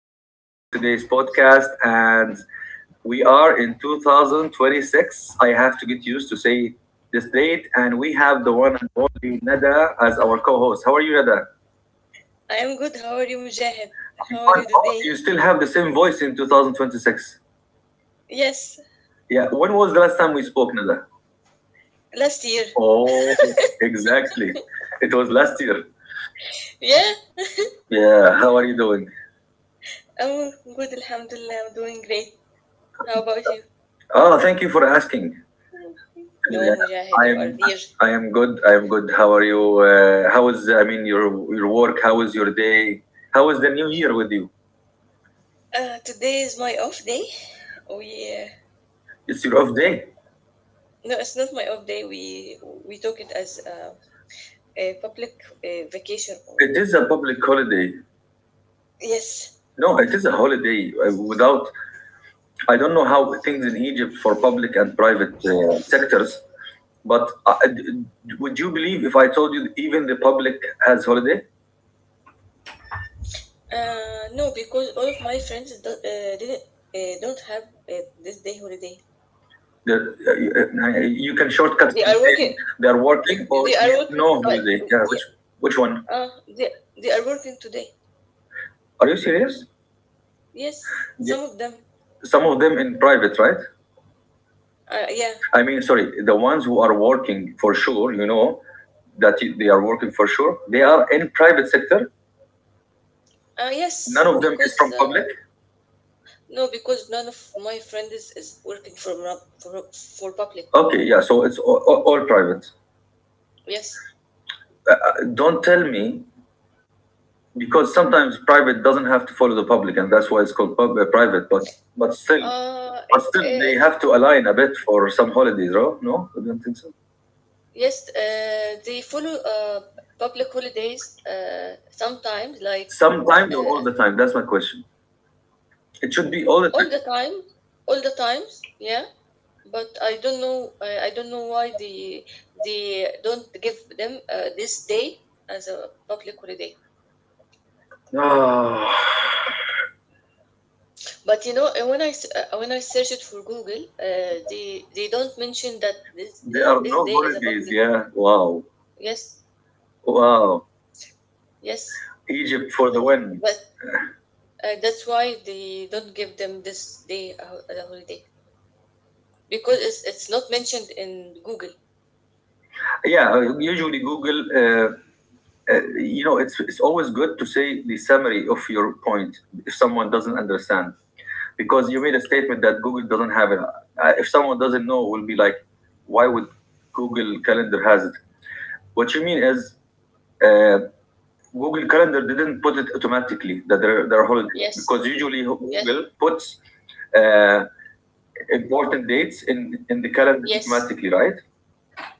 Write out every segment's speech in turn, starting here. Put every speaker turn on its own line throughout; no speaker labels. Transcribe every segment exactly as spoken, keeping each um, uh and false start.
the host for today's podcast, and we are in two thousand twenty-six. I have to get used to say this date, and we have the one and only Nada as our co-host. How are you, Nada?
I am good. How are you, Mujahid?
I'm
How are
fine.
you
Oh, you
today?
still have the same voice in two thousand twenty-six.
Yes,
Yeah. When was the last time we spoke, Nada?
last year.
Oh, exactly. It was last year.
Yeah,
Yeah. How are you doing?
I'm good. Alhamdulillah, I'm doing great. How about you?
Oh, thank you for asking.
No,
Yeah.
Mujahid, you
I
are
am
virgin.
I am good. I am good. How are you? Uh, how is I mean your your work? How is your day? How is the new year with you?
Uh, today is my off day. We uh,
It's your off day.
No, it's not my off day. We we took it as uh, a public uh, vacation or
It is a public holiday.
yes.
No, it is a holiday. Uh, Without I don't know how things in Egypt for public and private uh, sectors, but uh, d- would you believe if I told you even the public has holiday?
Uh, no, because all of my friends don't, uh, didn't uh, don't have uh, this day holiday.
The, uh, uh, you can shortcut.
They
And
are working.
say they are
You,
working
they
or
are working.
no
Uh,
holiday. Yeah,
they,
which which one?
Uh, they, they are working today.
Are you serious?
Yes, some of them.
Some of them in private, right?
Uh, yeah.
I mean, sorry, the ones who are working for sure, you know, that you- they are working for sure, they are in private sector.
Uh,
None
yes,
of them is
because
from
uh,
public.
no, because none of my friends is is working for rub- for for public.
Okay, yeah, so it's all, all, all private.
Yes.
Uh, don't tell me because sometimes private doesn't have to follow the public, and that's why it's called pub, uh, private. But but still,
Uh,
but
it
still, they
it
have to align a bit for some holidays, right? No, I don't think so.
Yes. Uh, they follow uh public holidays. Uh, sometimes like
Sometimes or
uh,
all the time. That's my question. It should be all the time.
all the time, all the times. Yeah. But I don't know. I, I don't know why they they don't give them uh, this day as a public holiday.
Ah.
But you know, uh, when I s- uh, uh, when I searched for Google, uh, they they don't mention that this
There
uh,
are
this
no
day is a
holidays.
public.
Yeah. Wow.
Yes,
Wow.
yes,
Egypt for the win.
but uh, that's why they don't give them this day a ho- as a holiday because it's it's not mentioned in Google.
Yeah. Usually Google. Uh, uh, you know, it's it's always good to say the summary of your point if someone doesn't understand, because you made a statement that Google doesn't have it. Uh, if someone doesn't know, will be like, why would Google Calendar has it? What you mean is. Uh, Google Calendar didn't put it automatically that there, there are holidays because
Yes,
usually
yes,
Google puts uh, important dates in in the calendar
yes,
automatically, right?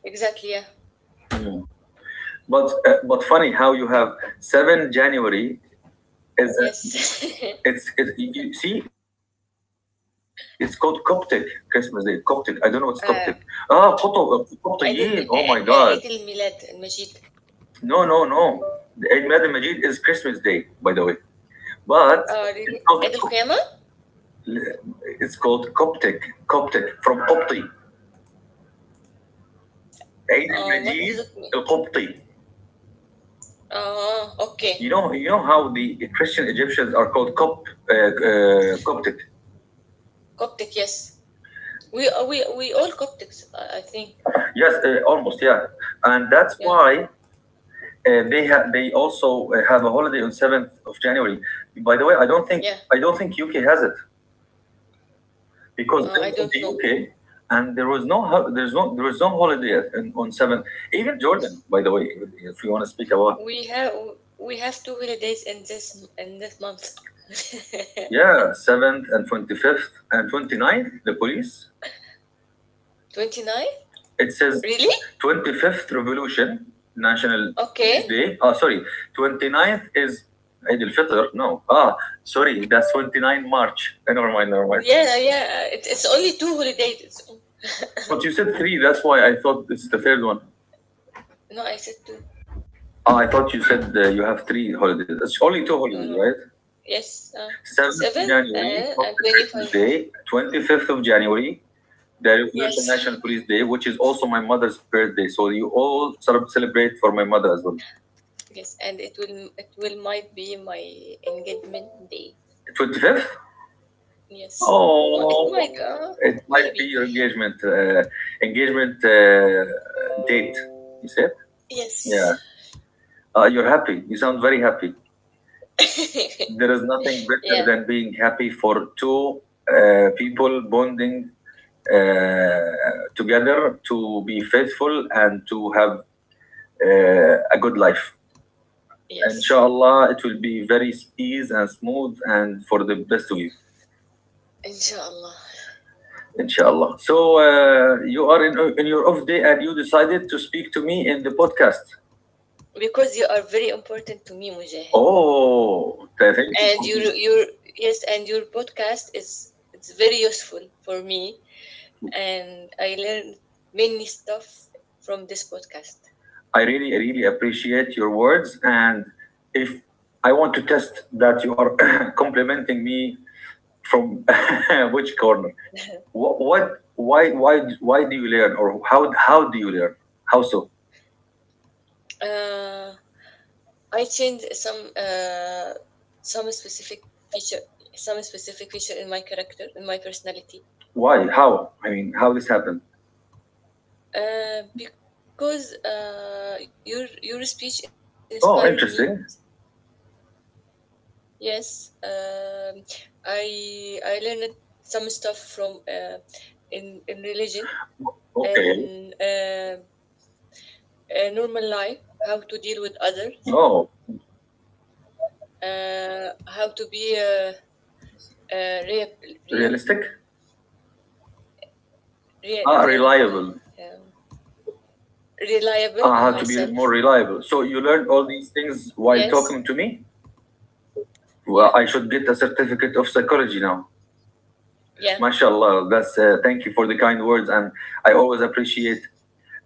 exactly. Yeah,
But uh, but funny how you have seven January is a-
yes.
it's it, you see it's called Coptic Christmas Day. Coptic. I don't know what's Coptic. Ah, Qopto- uh,
uh,
Qoptiyin. Oh my God.
عيد الم... آه، آه، عيد الميلاد المجيد.
No, no, no. The Eid Mad Majid is Christmas Day, by the way. But
Uh,
it's
really?
called
عيد
Co-
القيامة?
it's called Coptic. Coptic from Qopti. Eid al
Uh, what does
Majid
it mean?
al Qopti.
Uh,
You
okay.
know, you know how the Christian Egyptians are called Copt, uh, uh, Coptic.
Coptic, yes. We uh, we we all Coptics, I I think.
Yes, uh, almost, yeah, and that's
Yeah,
why uh, they have they also uh, have a holiday on seventh of January. By the way, I don't think
yeah.
I don't think U K has it because
Uh, I
in, in
don't
the
know.
U K and there was no ho- there's no there was no holiday in, on seventh. Even Jordan, by the way, if you want to speak about
We have we have two holidays in this in this month.
yeah seventh and twenty fifth and twenty ninth, the police.
twenty-nine?
It says
Really?
twenty-fifth Revolution, National Peace
Okay.
Day. Ah, sorry, 29th is Eid al Fitr. No, ah, sorry, that's 29 March. Eh, never mind, never mind.
Yeah, yeah. It, it's only two holidays. It's,
But you said three, that's why I thought it's the third one.
no, I said two.
Ah, I thought you said uh, you have three holidays. It's only two
No,
holidays,
no.
right?
Yes. Uh,
7th of
seven
January,
and,
not
and
the Christmas
twenty-five.
Day. twenty-fifth of January, the Revolution
Yes.
National Police Day, which is also my mother's birthday. So you all sort of celebrate for my mother as well.
Yes. And it will it will might be my engagement day.
twenty-fifth?
Yes. Mi- It
Oh,
might. Uh,
it might be
maybe.
your engagement uh, engagement uh, date. You said,
Yes.
yeah. Uh, you're happy. You sound very happy. There is nothing better
Yeah.
than being happy for two uh, people bonding uh, together to be faithful and to have uh, a good life.
Yes,
Inshallah, it will be very easy and smooth and for the best of you.
inshallah.
Inshallah. So uh, you are in in your off day and you decided to speak to me in the podcast.
Because you are very important to me, Mujahid.
Oh, thank you
And
for
your
the-
your yes, and your podcast is it's very useful for me, and I learned many stuff from this podcast.
I really, really appreciate your words. And if I want to test that you are complimenting me from which corner, what, what, why, why, why do you learn, or how, how do you learn? How so?
Uh, I changed some uh, some specific feature, some specific feature in my character, in my personality,
Why? How? I mean, how this happened?
uh, because uh, your your speech inspired me.
Oh, interesting.
Yes, um, I I learned some stuff from uh, in in religion and
Okay.
uh, uh, normal life, how to deal with others,
Oh,
uh, how to be uh, uh, real real
realistic.
real reliable,
Ah,
um,
reliable.
reliable on myself.
Uh, how to be more reliable. So you learned all these things
Yes,
while talking to me.
yeah,
Well, I should get a certificate of psychology now.
yeah,
Mashallah, that's uh, thank you for the kind words, and I always appreciate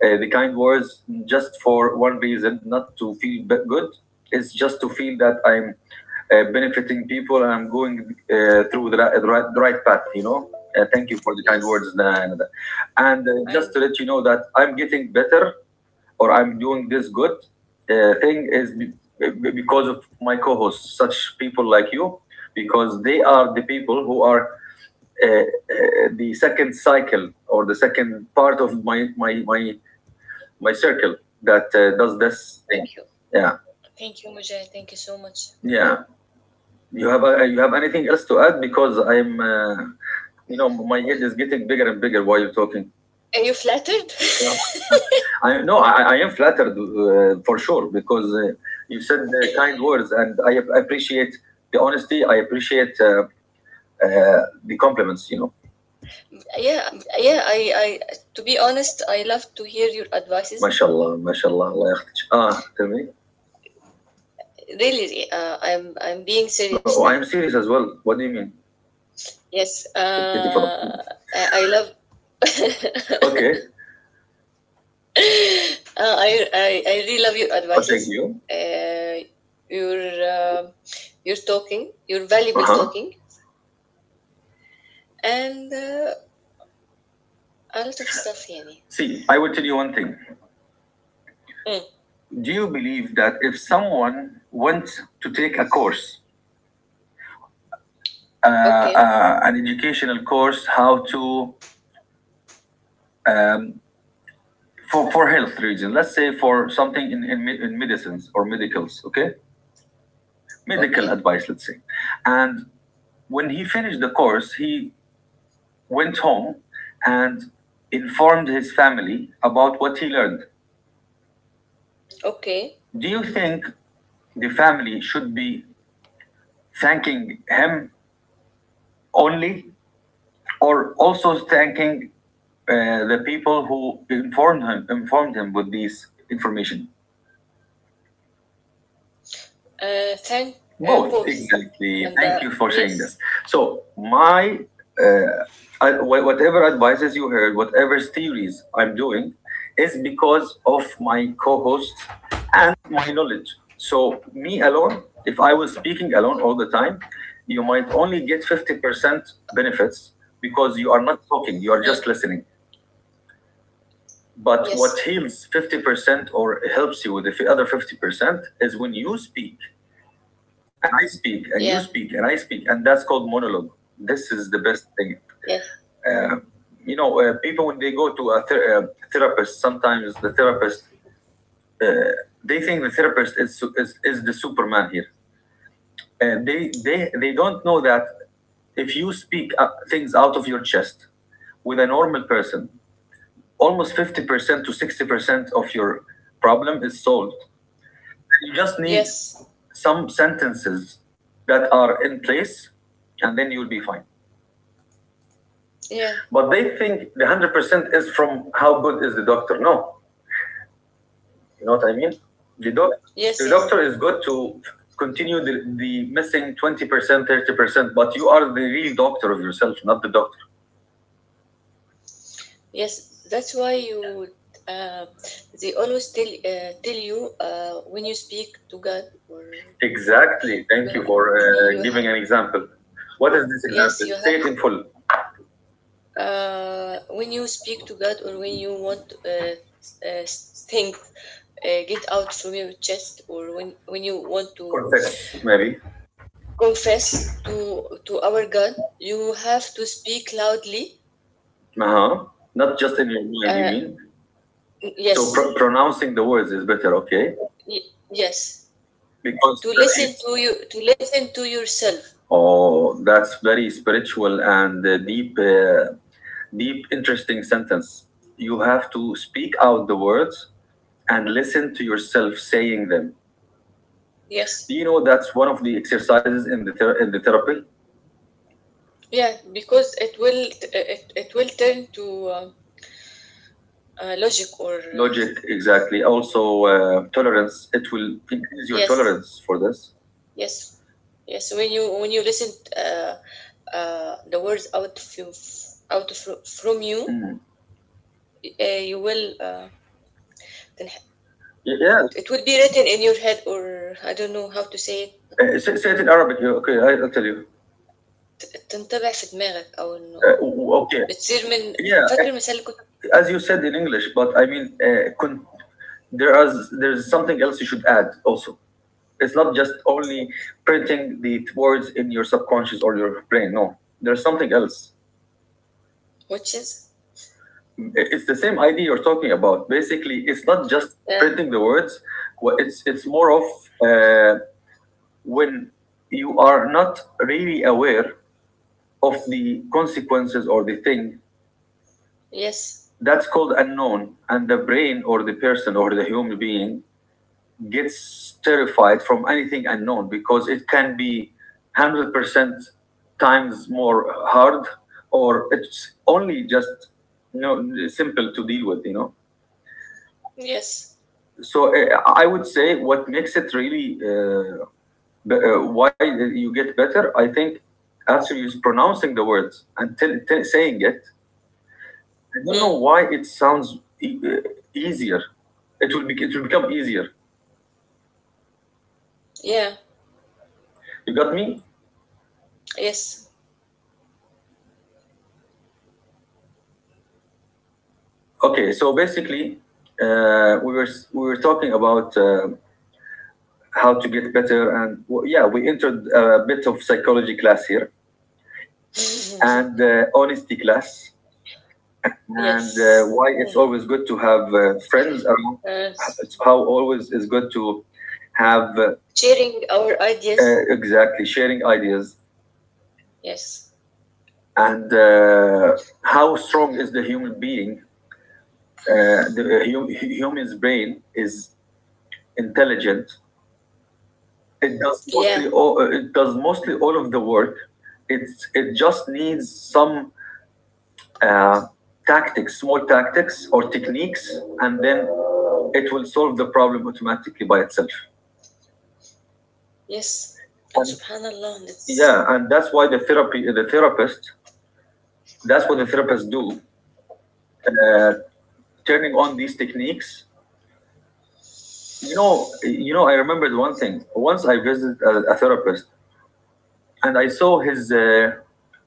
uh, the kind words. Just for one reason, not to feel b- good, it's just to feel that I'm uh, benefiting people and I'm going uh, through the right, the right the right path. You know, uh, thank you for the kind
yes.
words, Nana, Nana. And uh,
And
just to let you know that I'm getting better or I'm doing this good uh, thing is be- be- because of my co-hosts, such people like you, because they are the people who are uh, uh, the second cycle or the second part of my my my, my circle that uh, does this thing.
thank you,
Yeah,
thank you, Mujahid. Thank you so much.
yeah. You have uh, you have anything else to add? Because I'm, uh, you know, my head is getting bigger and bigger while you're talking.
Are you flattered?
I no, I, I am flattered uh, for sure because uh, you said the kind words, and I ap- appreciate the honesty. I appreciate uh, uh, the compliments. You know,
Yeah, yeah. I, I, to be honest, I love to hear your advices.
mashallah, mashallah, Allah yakhdik. Ah, tell me.
Really, uh, I'm, I'm being serious
Oh, I am
now.
serious as well. What do you mean?
Yes, uh, I, I love,
Okay,
uh, I, I, I really love your
I'll take
advices.
you.
Uh, your, um your talking, your
Uh
valuable
huh.
talking, and uh, a lot of stuff, يعني.
See, I will tell you one thing.
Mm.
Do you believe that if someone went to take a course, uh,
Okay,
uh, an educational course, how to um, for for health reason, let's say for something in in, me- in medicines or medicals, okay, medical
okay,
advice, let's say, and when he finished the course, he went home and informed his family about what he learned.
okay.
Do you think the family should be thanking him only, or also thanking uh, the people who informed him informed him with this information?
Uh, thank uh,
Both,
Both,
exactly.
and
Thank
uh,
you for saying this.
yes,
So, my uh, I, wh- whatever advices you heard, whatever theories I'm doing, is because of my co-host and my knowledge. So, me alone, if I was speaking alone all the time, you might only get fifty percent benefits because you are not talking; you are just
mm,
listening. But what
yes,
heals fifty percent or helps you with the f- other fifty percent is when you speak and I speak, and
yeah,
you speak, and I speak, and that's called monologue. This is the best thing.
yes,
Uh, you know, uh, people when they go to a ther- uh, therapist, sometimes the therapist uh, they think the therapist is is, is the Superman here. Uh, they they they don't know that if you speak uh, things out of your chest with a normal person, almost fifty percent to sixty percent of your problem is solved. You just need
yes.
some sentences that are in place, and then you'll be fine.
Yeah,
But they think the one hundred percent is from how good is the doctor. No, you know what I mean. The doc,
yes,
the
yes,
doctor is good to continue the, the missing twenty percent, thirty percent. But you are the real doctor of yourself, not the doctor.
yes. That's why you, uh, they always tell uh, tell you uh, when you speak to God, or
Exactly.
you
Thank
ha-
you for uh,
you ha-
giving an example. What is this
yes, you
example?
have,
Say it in full.
uh, when you speak to God or when you want uh, uh, strength, uh, get out from your chest, or when when you want to
Confess, maybe.
confess to to our God, you have to speak loudly.
Uh huh. Not just in your mind, you
Uh,
mean? So pro-
yes,
pronouncing the words is better, okay?
y- yes,
Because
to
that
listen
is
to you, to listen to yourself.
oh, that's very spiritual and uh, deep, uh, deep, interesting sentence. You have to speak out the words and listen to yourself saying them. Do
Yes.
you know that's one of the exercises in the ther- in the therapy?
Yeah, because it will it, it will turn to um, uh, logic or uh,
Logic, exactly. Also, uh, tolerance. It will increase your
yes,
tolerance for this.
yes, yes. When you when you listen, uh, uh, the words out of you, out of, from you, uh, you will, uh, تنح-
Y- Yeah.
it will be written in your head, or I don't know how to say it.
Uh, say, say it in Arabic. You- okay, I- I'll tell you.
تنطبع في دماغك أو
Uh,
إنه
w- okay.
بتصير من
Yeah.
فاكر المثال اللي كنت,
As you said in English, but I mean, uh, con- there is there's something else you should add also. It's not just only printing the words in your subconscious or your brain. No, there's something else.
which is
It's the same idea you're talking about. Basically, it's not just
yeah,
printing the words. Wha- It's it's more of uh, when you are not really aware of the consequences or the thing
yes,
that's called unknown, and the brain or the person or the human being gets terrified from anything unknown because it can be one hundred percent times more hard, or it's only just you know, simple to deal with you know
yes,
so uh, I would say what makes it really uh, b- uh, why you get better, I think, after you pronouncing the words and tell, tell, saying it. I don't know
mm,
why it sounds e- uh, easier. It will, be, it will become easier.
yeah,
You got me?
yes.
Okay, so basically, uh, we were s- we were talking about uh, how to get better, and well, yeah, we entered a bit of psychology class here, and uh, honesty class, and uh,
Yes.
why it's always good to have uh, friends around.
Uh,
It's how always is good to have uh,
Sharing our
uh,
ideas.
exactly sharing ideas,
Yes.
and uh, how strong is the human being. Uh, the uh, hum- hu- humans brain is intelligent. It does mostly
Yeah.
all, uh, it does mostly all of the work. It's it just needs some uh, tactics, small tactics or techniques, and then it will solve the problem automatically by itself.
Yes. And
And,
subhanallah,
yeah,
that's,
and that's why the therapy, the therapist, that's what the therapists do. Uh, Turning on these techniques. You know, you know. I remembered one thing. Once I visited a, a therapist, and I saw his uh,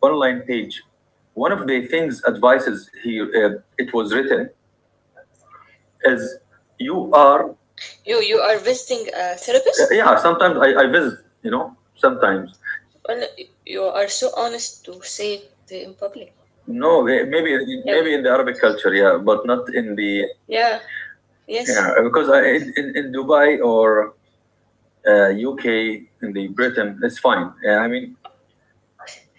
online page. One of the things advices he uh, it was written is you are.
you, you are visiting a
Uh,
therapist?
yeah. Sometimes I, I visit, you know. Sometimes
Well, you are so honest to say it in public.
no, eh, maybe
Yeah.
maybe in the Arabic culture, yeah, but not in the,
Yeah.
yeah,
Yes.
because I, in, in in Dubai or uh, U K, in the Britain, it's fine. Yeah, I mean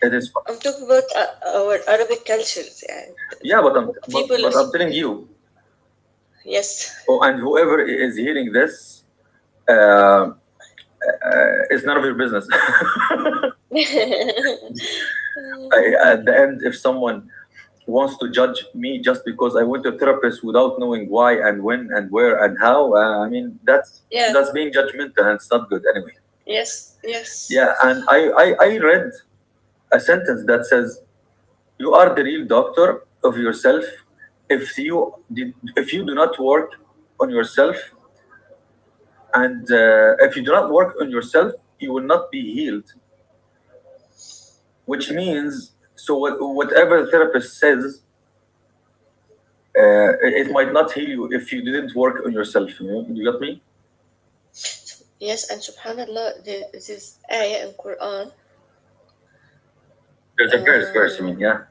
it is fine.
I'm talking about uh, our Arabic cultures. Yeah.
Yeah, but I'm but,
People,
but I'm telling you,
yes.
oh, and whoever is hearing this. Uh, Uh, it's none of your business. I, at the end, if someone wants to judge me just because I went to a therapist without knowing why and when and where and how, uh, I mean, that's
Yeah.
that's being judgmental, and it's not good anyway.
Yes. Yes.
Yeah, and I, I, I read a sentence that says, "You are the real doctor of yourself." If you, did, if you do not work on yourself, and uh, if you do not work on yourself, you will not be healed, which means, so what, whatever the therapist says, uh, it, it might not heal you if you didn't work on yourself, you, know? You got me?
Yes, and subhanallah, this is ayah in Quran.
There's a curse. Verse, I
Uh,
mean. Yeah,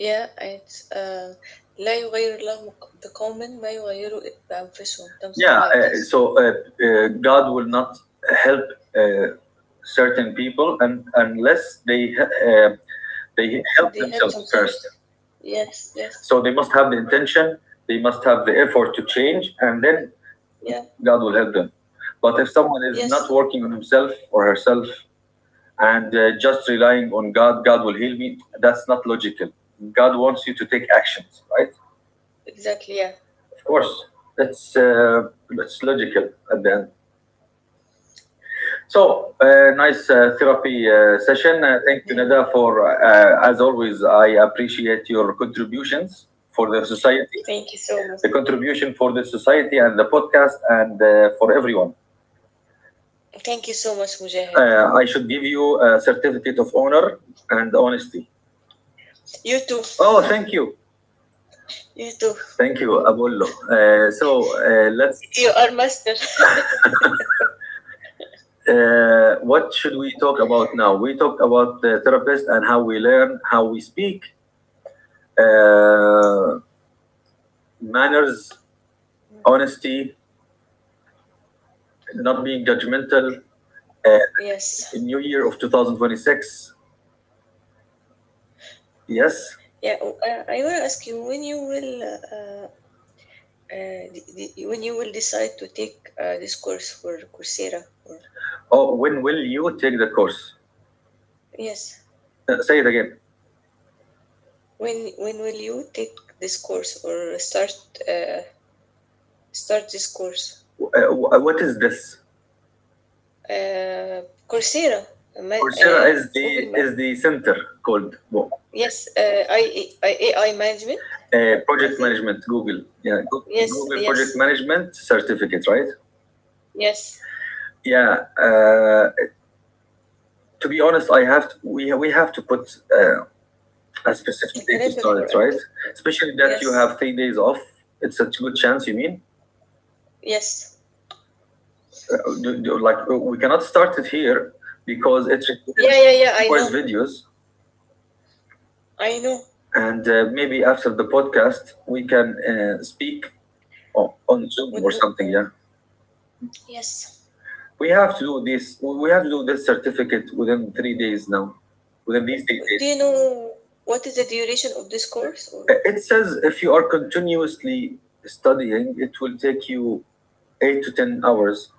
Yeah, it's uh, لا يغير الله مق- بقوم ما يغيروا بأنفسهم, something
yeah.
like
Uh, so,
this.
uh, uh, God will not help uh, certain people and unless they uh, they help
They help
themselves first.
themselves. Yes, yes,
So they must have the intention, they must have the effort to change, and then
yeah,
God will help them. But if someone is not
yes,
working on himself or herself, and uh, just relying on God, "God will heal me," that's not logical. God wants you to take actions, right?
exactly, yeah.
Of course, that's uh, that's logical at the end. So, uh, nice uh, therapy uh, session. Uh, thank you,
Yeah.
Nada, for uh, as always. I appreciate your contributions for the society,
Thank you so much.
the contribution for the society and the podcast, and uh, for everyone.
Thank you so much, Mujahid.
Uh, I should give you a certificate of honor and honesty.
You too.
Oh, thank you.
You too.
Thank you, Abullo. Uh, so, uh, let's.
You are master.
Uh, what should we talk about now? We talked about the therapist and how we learn, how we speak, uh, manners, honesty, not being judgmental.
Yes.
New year of two thousand twenty-six. Yes.
Yeah. w- Uh, I want to ask you when you will uh, uh, uh, d- d- when you will decide to take uh, this course for Coursera or
Oh, when will you take the course?
yes.
Uh, say it again.
When when will you take this course or start uh, start this course?
Uh, wh- what is this?
Uh, Coursera, ma-
Coursera
uh,
is
Google
the
Mac.
is the center called.
Yes, uh, I, A I management.
Uh,
I
project
think.
management, Google. Yeah,
Yes,
Google project
yes,
management certificate, right?
yes.
Yeah. Uh, to be honest, I have to, we we have to put uh, a specific
A
date to
calendar
start
for
it,
it.
right? Especially that you
Yes,
have three days off. It's a good chance. You mean?
yes.
Uh, do, do, like, uh, we cannot start it here because it requires
Yeah, yeah, yeah. I know.
requires videos,
I know.
and uh, maybe after the podcast we can uh, speak on, on Zoom
Would
or
know.
something.
uh,
Yeah.
Yes.
We have to do this. We have to do this certificate within three days now, within these three days.
Do you know what is the duration of this course? Or
Uh, It says if you are continuously studying, it will take you eight to ten hours.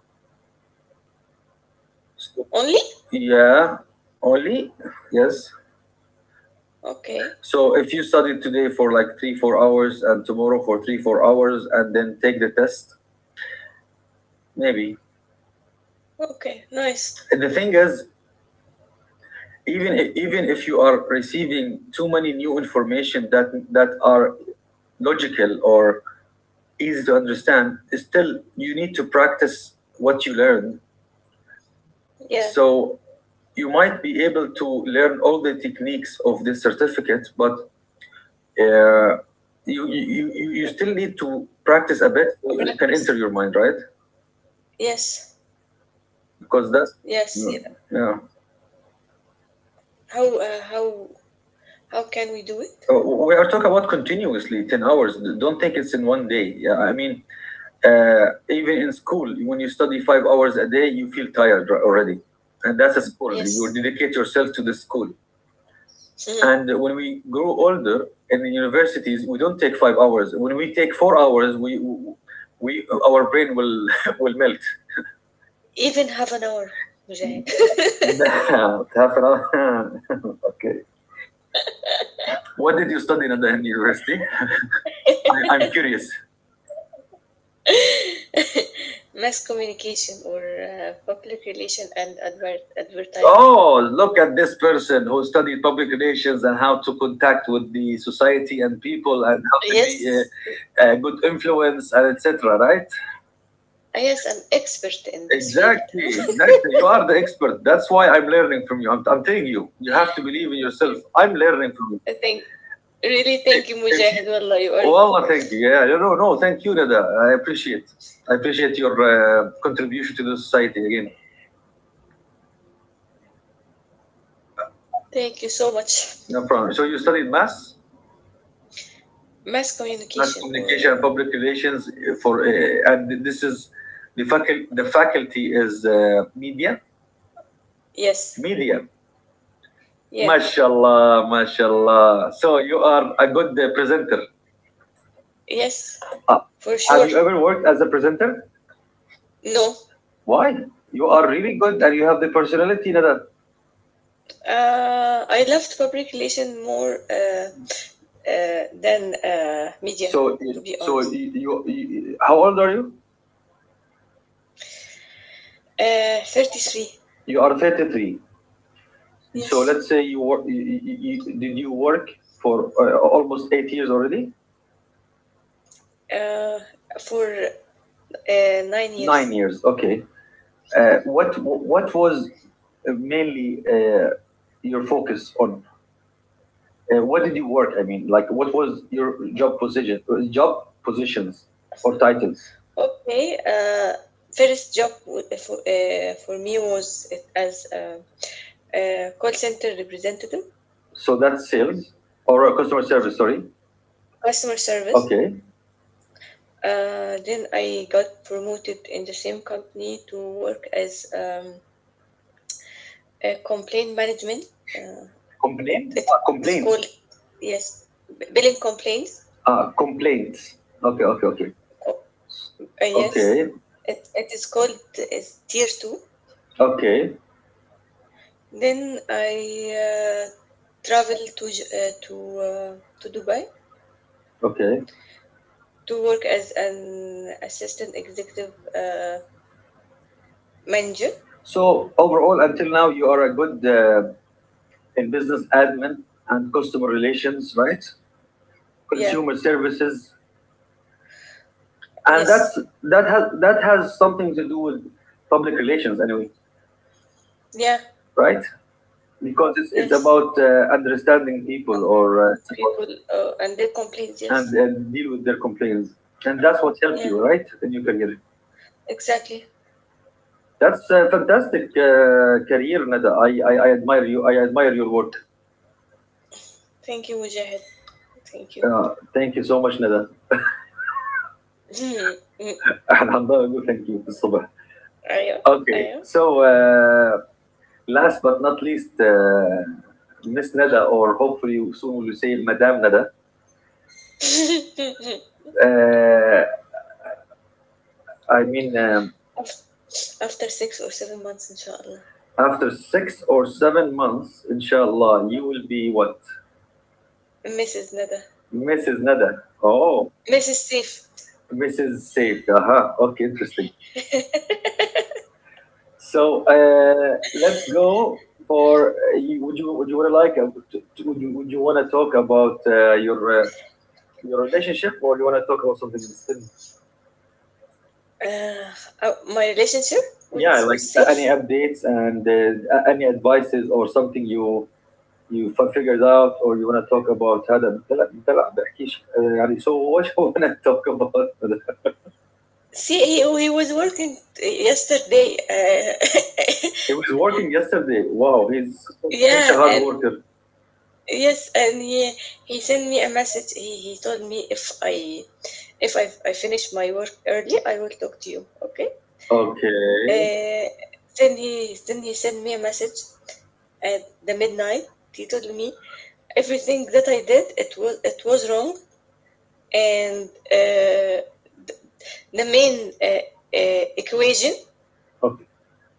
So,
only?
yeah, only, yes.
Okay.
So if you study today for like three four hours and tomorrow for three four hours, and then take the test, maybe.
Okay. Nice.
And the thing is, even even if you are receiving too many new information that that are logical or easy to understand. Still, you need to practice what you learn.
Yeah.
So you might be able to learn all the techniques of this certificate, but uh, you, you you you still need to practice a bit, so it can enter
Practice.
your mind, right?
Yes.
Because that's,
Yes. it-
yeah.
How uh, how how can we do it?
Uh, we are talking about continuously ten hours. Don't think it's in one day. Yeah, I mean, uh, even in school when you study five hours a day, you feel tired r- already, and that's a school, you
Yes.
dedicate yourself to the school. And when we grow older in the universities, we don't take five hours, when we take four hours, we we our brain will will melt.
Even half an hour, Mujahid.
Half an hour. Okay, what did you study in the in university? I, I'm curious.
Mass communication or uh, public relation and advert- advertising.
Oh, look at this person who studied public relations, and how to contact with the society and people, and how to be
Yes.
a, a good influence, and et cetera. Right?
Yes, I'm expert in this field.
Exactly, exactly. You are the expert. That's why I'm learning from you. I'm, I'm telling you, you have to believe in yourself. I'm learning from you.
I think really
If
thank you,
if you,
Mujahid. Wallah, you are.
Well, thank you. Yeah, no, no, no, thank you, Nada. I appreciate. I appreciate your uh, contribution to the society again.
Thank you so much.
No problem. So you studied maths?
Mass
Mass
communication
communication
or
and
uh,
public relations for uh, and this is the faculty the faculty is uh, media.
yes,
Media
yeah,
Mashallah, mashallah, so you are a good uh, presenter.
yes,
Uh,
for
have
sure.
you ever worked as a presenter?
No,
Why? You are really good and
Bec-
you have the personality, Nada.
uh, I loved public relation more, Uh, uh, than uh, media,
So eh,
to be
so
honest.
you, you, you How old are you?
Uh, thirty-three,
You are thirty-three. So
yes,
let's say you work, you, you, you, did you work for uh, almost eight years already?
uh, for uh, nine
nine
years.
years, okay. Uh, what what was uh, mainly uh, your focus on? Uh, what did you work? I mean, like, what was your job position, uh, job positions or titles?
Okay, uh, first job uh, for, uh, for me was as a, a call center representative,
So that's sales or uh, customer service. Sorry.
customer service.
Okay.
Uh, then I got promoted in the same company to work as um, a complaint management. Uh, it,
Complaint.
it is
Ah,
called,
complaints.
yes, billing complaints.
Ah, complaints. Okay. Okay. Okay.
Uh, yes,
Okay.
it, it is called uh, Tier two.
Okay.
Then I uh, traveled to J- uh, to uh, to Dubai
Okay.
to work as an assistant executive uh, manager.
So overall, until now, you are a good uh, in business admin and customer relations, right?
Yeah.
Consumer services, and that's,
Yes.
that has that has something to do with public relations anyway,
Yeah.
right? Because it's it's
Yes.
about uh, understanding people, or uh, it's about...
People, uh, and their complaints.
and,
Yes.
and deal with their complaints, and that's what helped
Yeah.
you, right, in your career.
Exactly.
That's a fantastic uh, career, Nada. I, I i admire you, I admire your work.
Thank you, Mujahid. Thank you.
Uh, thank you so much, Nada. Alhamdulillah, thank you بالصبح.
Ayo.
Okay,
Ayo.
so, uh, last but not least, uh, Miss Nada, or hopefully soon we will say Madame Nada. Uh, I mean, um,
After six or seven months, inshallah.
after six or seven months, inshallah, you will be what?
missus Nada.
Missus Nada. Oh,
missus Safe.
Missus Safe. Aha, okay, interesting. So, uh, let's go for. Uh, you, would you, would you want to, like? uh, to- to- Would you, would you want to talk about uh, your uh, your relationship, or you want to talk about something else?
Uh, uh, my relationship
Yeah,
with with
like uh, any
Safe.
updates, and uh, a- any advices or something you you f- figured out, or you want to talk about هذا لا لا لا بحكيش uh, يعني, so what? You want to talk about that.
See, he, he was working yesterday. Uh,
He was working yesterday. Wow, he's such
yeah,
a hard
and
worker.
yes, and he he sent me a message. He he told me, if I if I I finish my work early, I will talk to you. Okay.
Okay,
Uh, then he then he sent me a message at the midnight. He told me everything that I did, it was it was wrong, and uh, the main uh, uh, equation.
okay.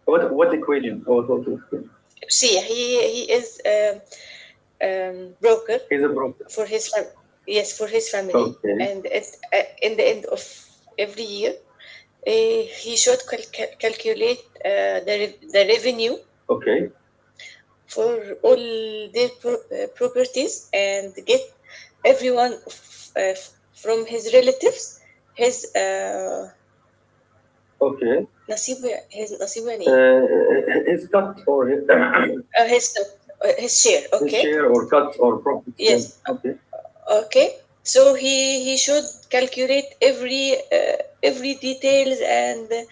What what equation? Oh, what, what equation?
See, he he is a um, broker
He's a broker.
for his fam- yes, for his family,
Okay,
and at, uh, in the end of every year, uh, he should cal- cal- calculate uh, the re- the revenue
okay,
for all their pro- uh, properties and get everyone f- uh, f- from his relatives, his uh,
okay.
نصيبه, his نصيبه يعني إيه؟
Uh, his cut, or his
Uh, his uh, his share.
his
Okay.
share or cut or profits, yeah.
Yes.
Okay,
Okay, so he he should calculate every uh, every details and uh,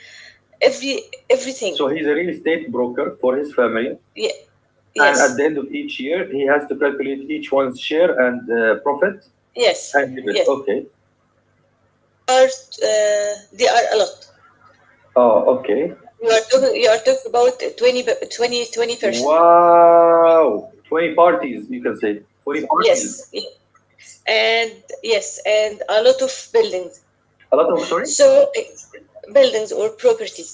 every, everything.
so he's a real estate broker for his family.
Ye-
And at the
yes,
end of each year, he has to calculate each one's share and uh, profit
yes,
and debit.
yes.
Okay.
Are uh, They are a lot.
Oh, okay.
You are talking you are talking about twenty, b- 20, twenty percent.
Wow. twenty parties, you can say. twenty parties.
Yes, yes, and yes, and a lot of buildings.
A lot of, sorry?
So, uh, buildings or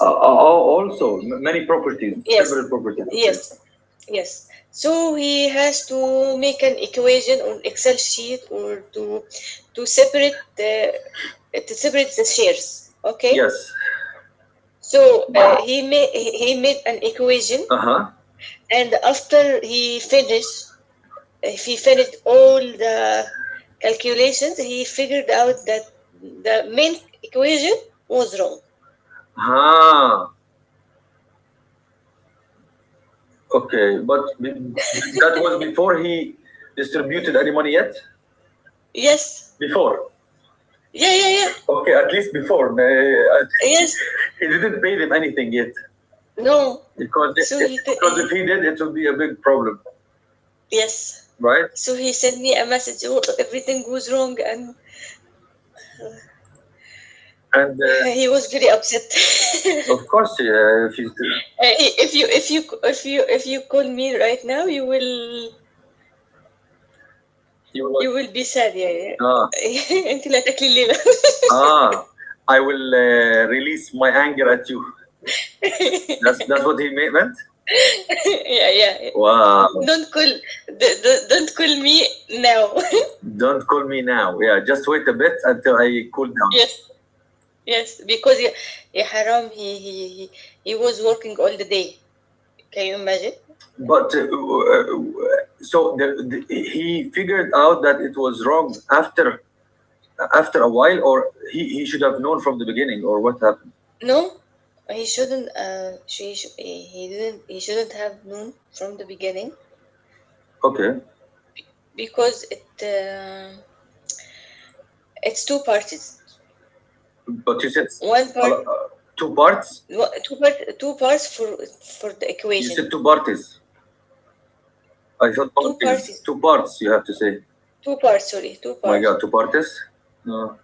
Uh, uh, Also, m- many properties, several
Yes,
properties. Okay.
yes, yes. So he has to make an equation on Excel sheet, or to to separate the to separate the shares. Okay.
Yes.
So, uh, he made he made an equation,
Uh huh.
and after he finished, if he finished all the calculations, he figured out that the main equation was wrong.
Ah. Okay. But be- that was before he distributed any money yet?
Yes.
Before.
Yeah. Yeah. Yeah.
Okay, at least before. Uh,
Yes.
he didn't pay them anything yet.
No.
because if,
So
if
he. T-
because if
uh,
he did, it would be a big problem,
yes.
right?
So he sent me a message: "Oh, everything goes wrong," and
And uh,
he was very upset.
of course, uh, if you,
Uh, if you if you if you if you call me right now, you will,
you will,
you will be sad. Yeah, yeah.
ah
أنت لا تاكلي الليلة.
ah, I will uh, release my anger at you. That's that's what he mea- meant.
Yeah, yeah, yeah.
Wow!
Don't call d- d- don't call me now.
Don't call me now. Yeah, just wait a bit until I cool down.
Yes, yes. Because yeah, yeah, Haram. He, he he he was working all the day. Can you imagine?
But uh, uh, so the, the, he figured out that it was wrong after after a while, or he, he should have known from the beginning, or what happened.
No, he shouldn't. Uh, she should, he didn't. He shouldn't have known from the beginning.
Okay.
Because it uh, it's two parties.
But you said,
One part,
well, uh, two parts.
one- two part, two parts for for the
You
equation.
said two parties. I thought
Two
parties.
parties,
Two parts. You have to say.
two parts. Sorry, two
My
parts.
God, two parties. No.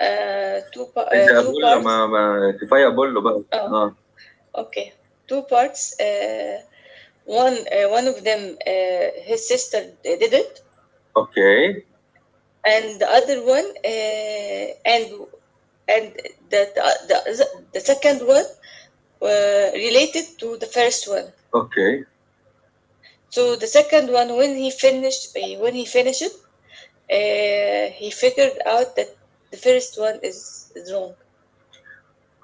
Uh, two pa- uh,
إذا
two
أقول له ما
parts.
ما كفاية أقول له بقى.
Oh,
No.
okay. Two parts. Uh, one uh, one of them, uh, his sister d- did it,
Okay.
and the other one, uh, and and the the, the the second one uh, related to the first one.
Okay.
So the second one, when he finished, eh, when he finished it, uh, he figured out that the first one is, is wrong.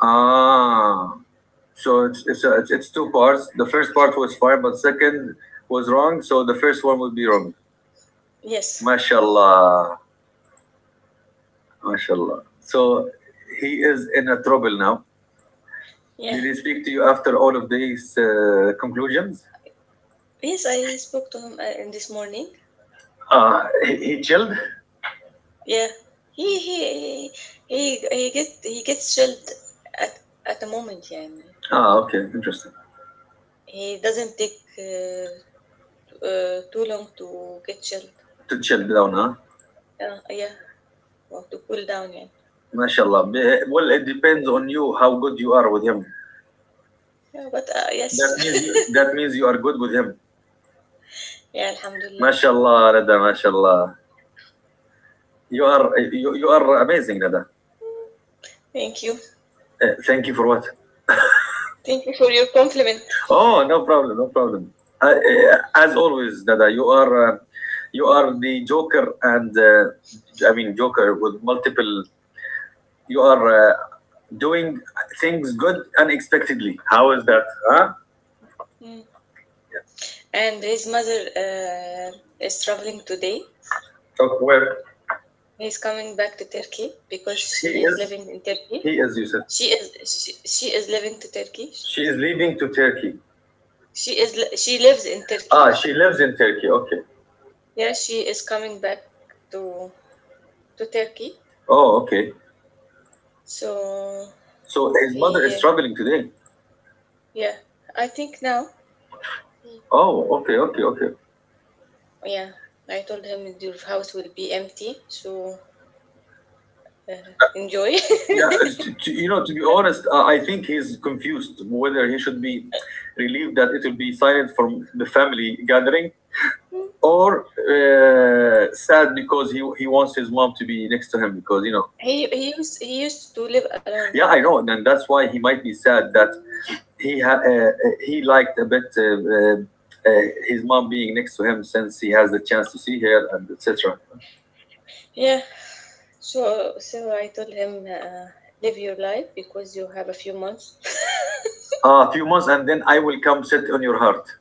Ah. So it's it's, a, it's it's two parts. The first part was fine, but second was wrong. So the first one would be wrong.
Yes,
MashaAllah. MashaAllah. So he is in a trouble now.
yeah,
Did he speak to you after all of these uh, conclusions?
yes. I spoke to him uh, in this morning.
Uh, he, he chilled?
Yeah, he he he he get he gets chilled at at the moment. Yeah,
Ah, okay, interesting.
he doesn't take uh, t- uh, too long to get chilled.
To chill down, huh?
Yeah, yeah, well, to cool down, يعني.
MashaAllah. Be- Well, it depends
Hmm,
on you how good you are with him.
yeah, but uh, yes.
That means you, that means you are good with him.
Yeah, Alhamdulillah.
MashaAllah, Nada, MashaAllah. You are you, you are amazing, Nada.
Thank you.
Uh, thank you for what?
Thank you for your compliment.
Oh, no problem, no problem. Uh, uh, as always, Nada, you are uh, you
Hmm?
are the joker, and uh, I mean joker with multiple. You are uh, doing things good unexpectedly. How is that? Huh?
Mm. And his mother uh, is traveling today.
Of where?
He's coming back to Turkey because
sh- he
she is
is
living in
he
Turkey.
is you said.
She is she, she is living to Turkey.
She is leaving to Turkey.
She is li- she lives in Turkey.
Ah she lives in Turkey. Okay.
Yeah, she is coming back to to Turkey.
Oh, okay.
So
So his mother is
he
traveling today.
Yeah, I think now. he-
Oh, okay, okay, okay.
Yeah, I told him your house will be empty. So enjoy.
Yeah, it's- to, to- you know to be honest, uh, I think he's confused whether he should be relieved that it will be silent from the family gathering, or uh, sad because he, he wants his mom to be next to him, because you know
he he used he used to live alone.
Yeah, I know, and that's why he might be sad that he ha- uh, uh, he liked a bit, uh, uh, uh, his mom being next to him since he has the chance to see her and et cetera.
Yeah, So, so I told him, uh, live your life because you have a few months.
Ah, a few months, and then I will come sit on your heart,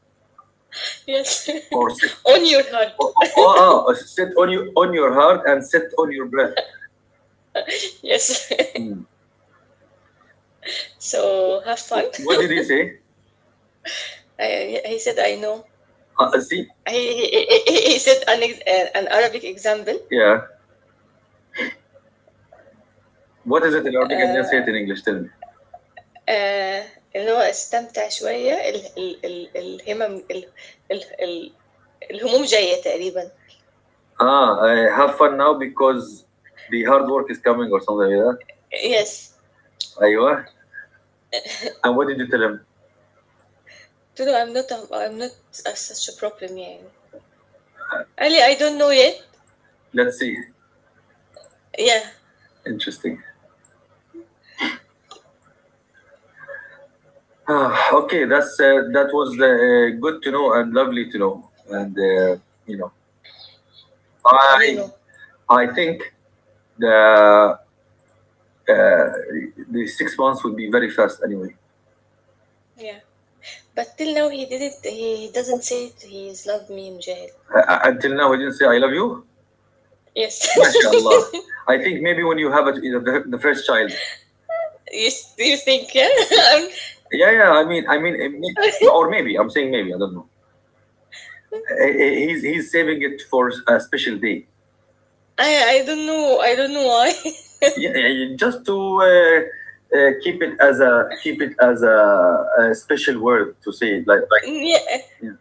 yes,
or sit,
on your heart.
oh, oh, oh, sit on you on your heart and sit on your breath.
Yes.
Hmm.
So have fun.
What did he say?
I, he said, I know.
Uh, uh, see,
I, he, he he said an, ex- uh, an Arabic example.
yeah. What is it in Arabic and then say
آه،
it in English? Tell me.
آه، اللي هو استمتع شوية ال ال ال الهمم ال ال ال الهموم جاية تقريبا.
Ah, uh, have fun now because the hard work is coming or something like that.
Yes.
Aywa. And what did you tell him?
قلت له I'm not a, I'm not a, such a problem يعني. قال لي I don't know yet.
Let's see.
Yeah,
Interesting. Ah, okay, that's uh, that was the, uh, good to know and lovely to know. And uh, you know,
you
I
know.
I think the uh, the six months would be very fast anyway.
Yeah. But till now he didn't. He doesn't say it. He's loved me, Mujahid.
Uh, uh, until now, I didn't say I love you.
Yes.
MashaAllah. I think maybe when you have a, you know, the, the first child.
yes. Do you still think? Yeah. I'm-
Yeah, yeah. I mean, I mean, it may- or maybe I'm saying maybe, I don't know. Uh, uh, He's he's saving it for a special day.
I I don't know. I don't know why.
Yeah, yeah, yeah, just to uh, uh, keep it as a keep it as a, a special word to say it, like like
yeah.
yeah.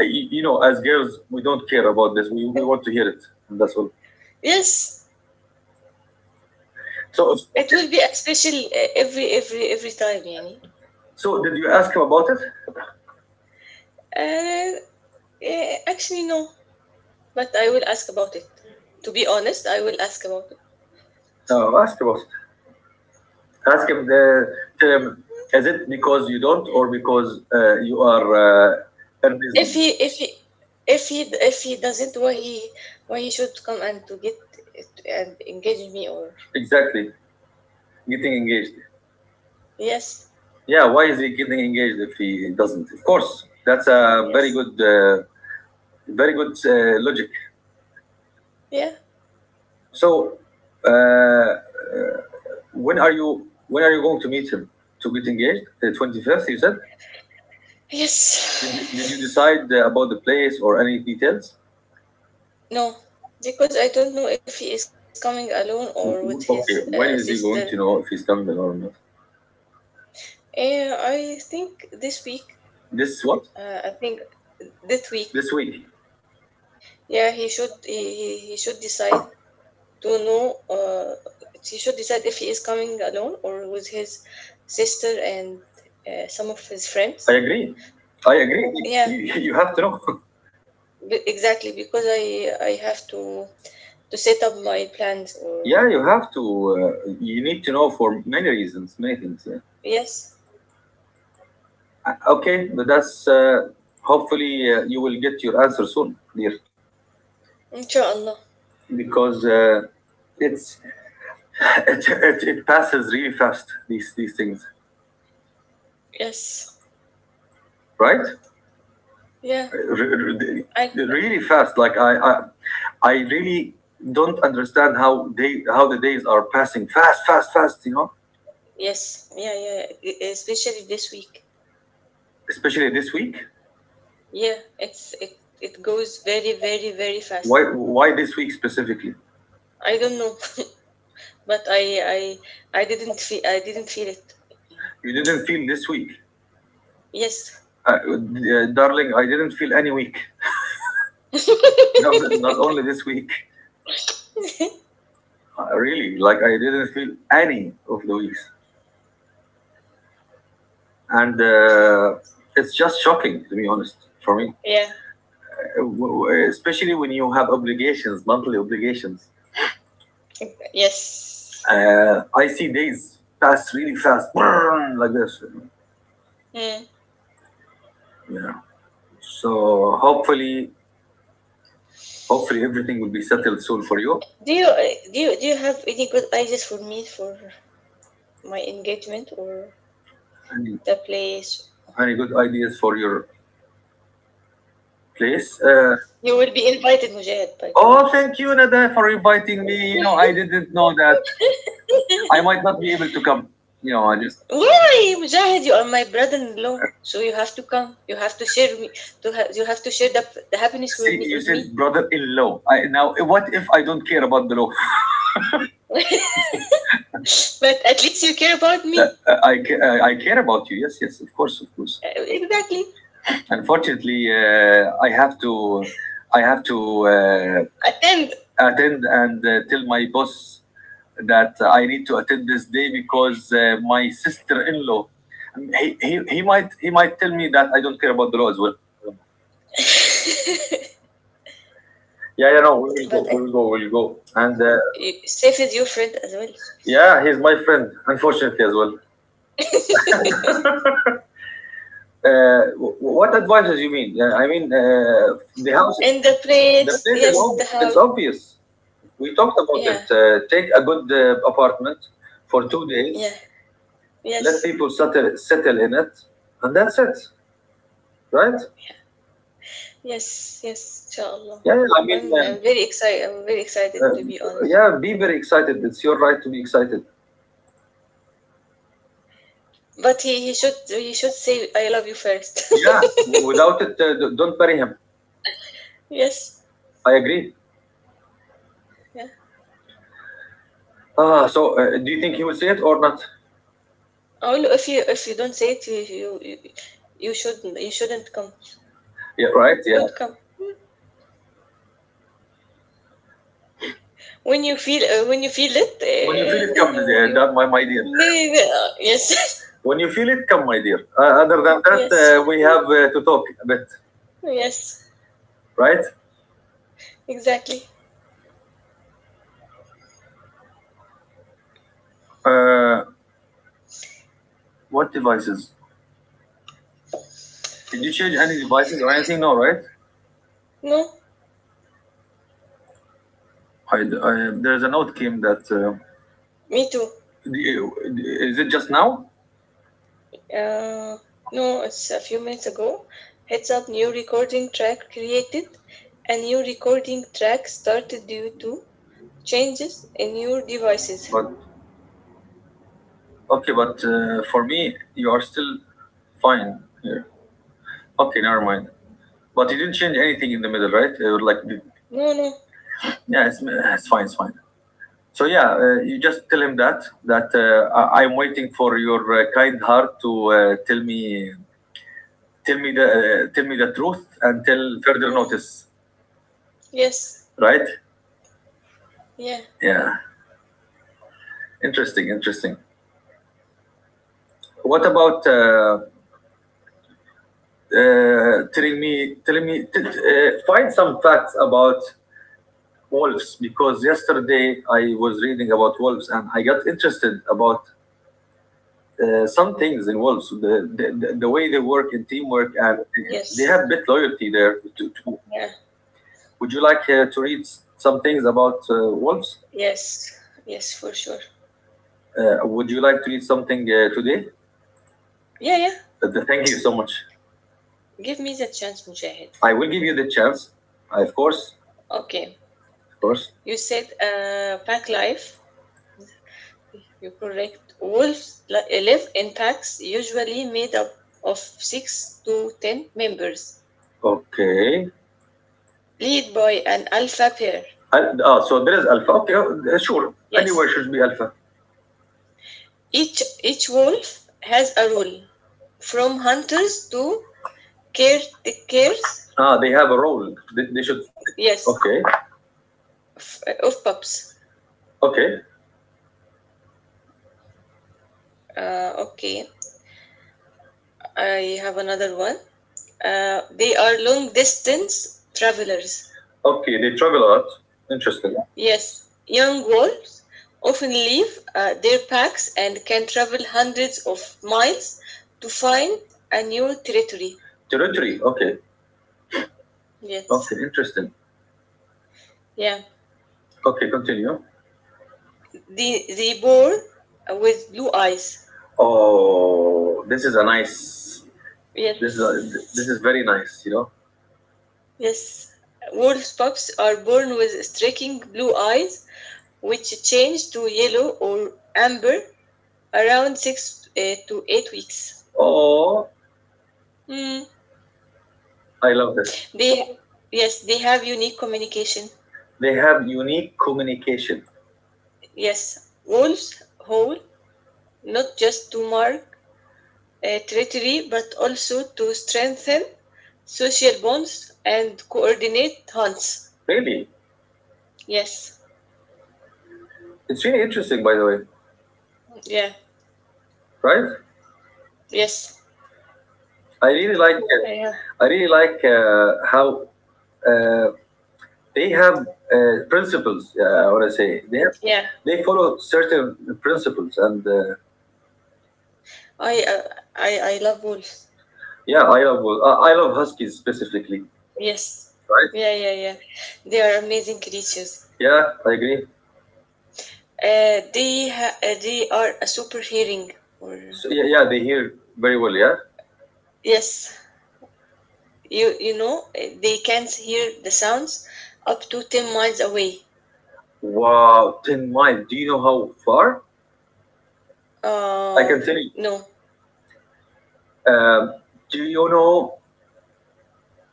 I, you know as girls we don't care about this. We, we want to hear it and that's all.
Yes.
So,
It
okay.
will be a special, uh, every every every time, يعني.
So did you ask him about it?
Uh, yeah, actually no, but I will ask about it. To be honest, I will ask about it.
No, ask about it. Ask him. The Tell him, is it because you don't or because uh, you are uh,
If
earnestly...
he if he if he if he doesn't, why he why he should come and to get and engage me, or
Exactly. Getting engaged.
yes.
Yeah, why is he getting engaged if he doesn't? Of course, that's a very
Yes.
good, uh, very good uh, logic.
Yeah.
So, uh, uh, when are you when are you going to meet him to get engaged? The twenty fifth, you said. Did you, did you
Yes.
decide uh, about the place or any details?
No, because I don't know if he is coming alone or with
W- w-
his
Okay,
uh,
when is he
sister.
going to know if he's coming or not?
Eh, I think this week.
This what?
Uh, I think this
This
week.
week.
Yeah, he should. He, he he should decide to know. Uh, he should decide if he is coming alone or with his sister and uh, some of his
I
friends.
agree. I agree. You,
Yeah,
you have to know.
b- exactly. Because I I have to to set up my plans. Or
Yeah, you have to. Uh, you need to know for many reasons, many things. Yeah. Uh,
yes,
Okay, but that's uh, hopefully uh, you will get your answer soon, dear.
inshallah.
Because uh, it's... it, it, it passes really fast, these these things,
Yes.
right?
Yeah,
R- r-
I
Really fast, like I, I, I really don't understand how they how the days are passing fast, fast, fast you know
yes, yeah, yeah, yeah. E- especially this week.
Especially this week.
Yeah, it's it it goes very, very, very
why
fast.
why this week specifically?
I don't know, but I I I didn't feel I didn't feel it. Yeah.
You didn't feel this week?
Yes,
Uh, uh, darling, I didn't feel any week. Not, not only this week. Uh, really, like I didn't feel any of the weeks, and uh, it's just shocking, to be honest, for me.
yeah,
Uh, W- w- especially when you have obligations, monthly obligations,
yes.
uh, I see days pass really fast, like this.
Hmm.
Yeah. So hopefully, hopefully everything will be settled soon for you.
Do you uh, do you do you have any good ideas for me for my engagement or
any,
the place?
any good ideas for your place, uh,
You will be invited, Mujahid, by the
oh,
way.
thank you, Nada, for inviting me. you know I didn't know that I might not be able to come. you know I just...
Why, Mujahid, you are my brother-in-law, so you have to come. You have to share me. To ha- you have to share the, the happiness with
See,
me.
you
With me.
said brother-in-law. I, now, what if I don't care about the law?
But at least you care about me.
Uh, I, ca- uh, I care about you. Yes, yes, of course, of course.
Uh, exactly.
Unfortunately, uh, I have to, I have to uh,
Attend.
attend, and uh, tell my boss that I need to attend this day because uh, my sister-in-law, um, he, he, he might, he might tell me that I don't care about the law as well. Yeah, yeah, no, we
But
will go,
I,
we will go, we will go. And uh,
Safe is your friend as well.
yeah, he's my friend, unfortunately, as well. Uh, wh- what advices you mean? Uh, I mean, uh, the house,
And the
the
place,
place is
yes, the
ob- it's
house,
obvious. We talked about it.
yeah,
Uh, take a good uh, apartment for two days,
yeah,
let
yes,
people settle settle in it, and that's it, right?
yes, yes. Inshallah.
Yeah, yeah, I mean,
I'm,
uh,
I'm very excited. I'm very excited,
uh,
to be honest.
yeah, be very excited. It's your right to be excited.
But he, he should he should say I love you first.
Yeah, w- without it, uh, d- don't bury him.
yes.
I agree.
Yeah.
Ah, so uh, do you think he will see it or not?
Oh, look, if you if you don't say it, you you, you you should you shouldn't come.
Yeah, right. Yeah.
Don't come when you feel uh, when you feel it.
When you feel
Uh,
it,
then
come, uh,
you you
that my my dear.
maybe, uh, yes.
When you feel it, come, my dear. Uh, other than that,
yes.
uh, we
Mm,
have uh, to talk a bit,
yes,
right?
exactly.
Uh, what devices? Did you change any devices or anything? No, right?
No,
I, I, there's a note came that. Uh,
me too.
is it just now?
Uh, no, it's a few minutes ago. Heads up, new recording track created. A new recording track started due to changes in your devices.
But okay, but uh, for me, you are still fine here. Okay, never mind. But you didn't change anything in the middle, right? Uh, like,
No, no.
yeah, it's, it's fine, it's fine. So yeah, uh, you just tell him that that uh, I- I'm waiting for your uh, kind heart to uh, tell me, tell me the uh, tell me the truth, until further
Mm,
notice,
yes.
right?
Yeah.
Yeah, interesting, interesting. What about uh, uh, telling me telling me t- uh, find some facts about wolves, because yesterday I was reading about wolves and I got interested about... Uh, some things involved, so the, the the the way they work in teamwork, and they
Yes.
have bit loyalty there. To, to,
Yeah.
would you like uh, to read s- some things about uh, wolves?
Yes, yes, for sure.
Uh, would you like to read something uh, today?
Yeah, yeah.
Uh, th- thank you so much.
Give me the chance, Mujahid.
I will give you the chance. Uh, of course,
Okay,
of course.
you said, uh, pack life. You correct. Wolves li- live in packs, usually made up of six to ten members,
Okay.
lead by an alpha pair.
Al- Ah, so there is alpha. Okay, uh, sure. Anywhere
Yes,
should be alpha.
each each wolf has a role, from hunters to caretakers.
Ah, they have a role. They, they should.
Yes,
Okay,
f- of pups.
okay,
Uh, okay, I have another one. Uh, they are long distance travelers.
okay. They travel a lot. Interesting.
Yes, young wolves often leave uh, their packs and can travel hundreds of miles to find a new territory.
Territory. Okay, okay.
Yes,
Interesting.
yeah.
Okay, continue.
The, the boar with blue eyes.
Oh, this is a nice. This is a, this is
Yes,
very nice. You know.
yes. Wolf pups are born with striking blue eyes, which change to yellow or amber around six uh, to eight weeks.
Oh,
Hmm.
I love this.
They Yes, they have unique communication.
They have unique communication.
Yes, goals whole, not just to mark uh, territory, but also to strengthen social bonds and coordinate hunts.
Maybe
Yes,
it's really interesting, by the way.
yeah,
Right?
yes,
I really like
I
it.
have.
I really like uh, how uh, they have uh, principles. Uh, what I want to say, they have,
Yeah,
they follow certain principles, and uh,
I uh, I I love wolves.
yeah, I love I I love huskies specifically.
Yes,
Right?
yeah, yeah, yeah. They are amazing creatures.
Yeah, I agree.
Uh, they ha- uh, they are a superhearing, or
So, yeah, yeah, they hear very well. Yeah.
yes. You you know, eh, they can hear the sounds up to ten miles away.
Wow, ten miles. Do you know how far? I
Uh
can tell you.
no.
Um, do you know?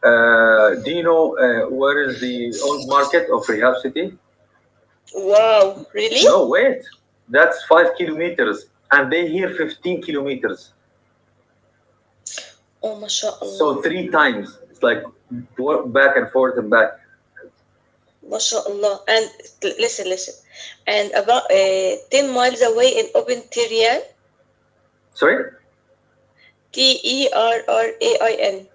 Uh, do you know uh, where is the old market of Rehab City?
Wow, really?
No, wait. That's five kilometers, and they hear fifteen kilometers.
Oh, ما شاء
So
الله.
three times. It's like wa- back and forth and back.
ما شاء الله. And l- listen, listen. And about uh, ten miles away in open terrain,
Sorry,
T E R R A I N.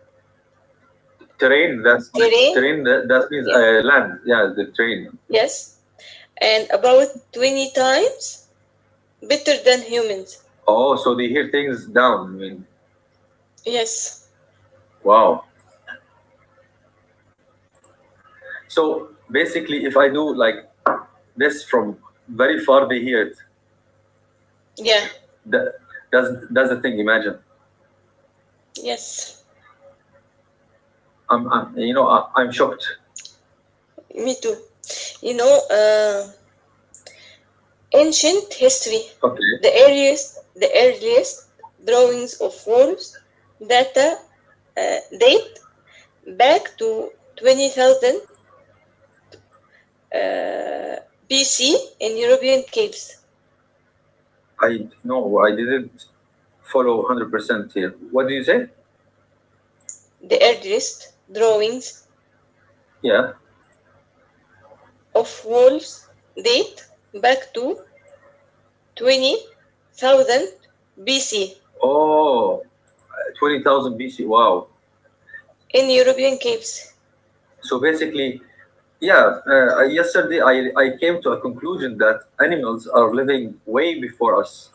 terrain. That's like
Terrain?
terrain. That, that means
Yeah.
uh, land. Yeah, the terrain.
Yes. And about twenty times better than humans.
Oh, so they hear things down. I mean,
Yes.
wow. So basically, if I do like this from very far, they hear it.
Yeah.
That, that's that's the thing. Imagine
Yes.
I'm, I'm you know I, I'm shocked.
Me too. You know. uh, Ancient history.
Okay,
The earliest, the earliest drawings of walls data uh, date back to twenty thousand uh, B C in European caves.
I no, I didn't follow hundred percent here. What do you say?
The earliest drawings
Yeah.
of walls date back to twenty thousand B C
Oh, twenty thousand B C. Wow.
in European caves.
So basically, yeah. Uh, yesterday, I I came to a conclusion that animals are living way before us.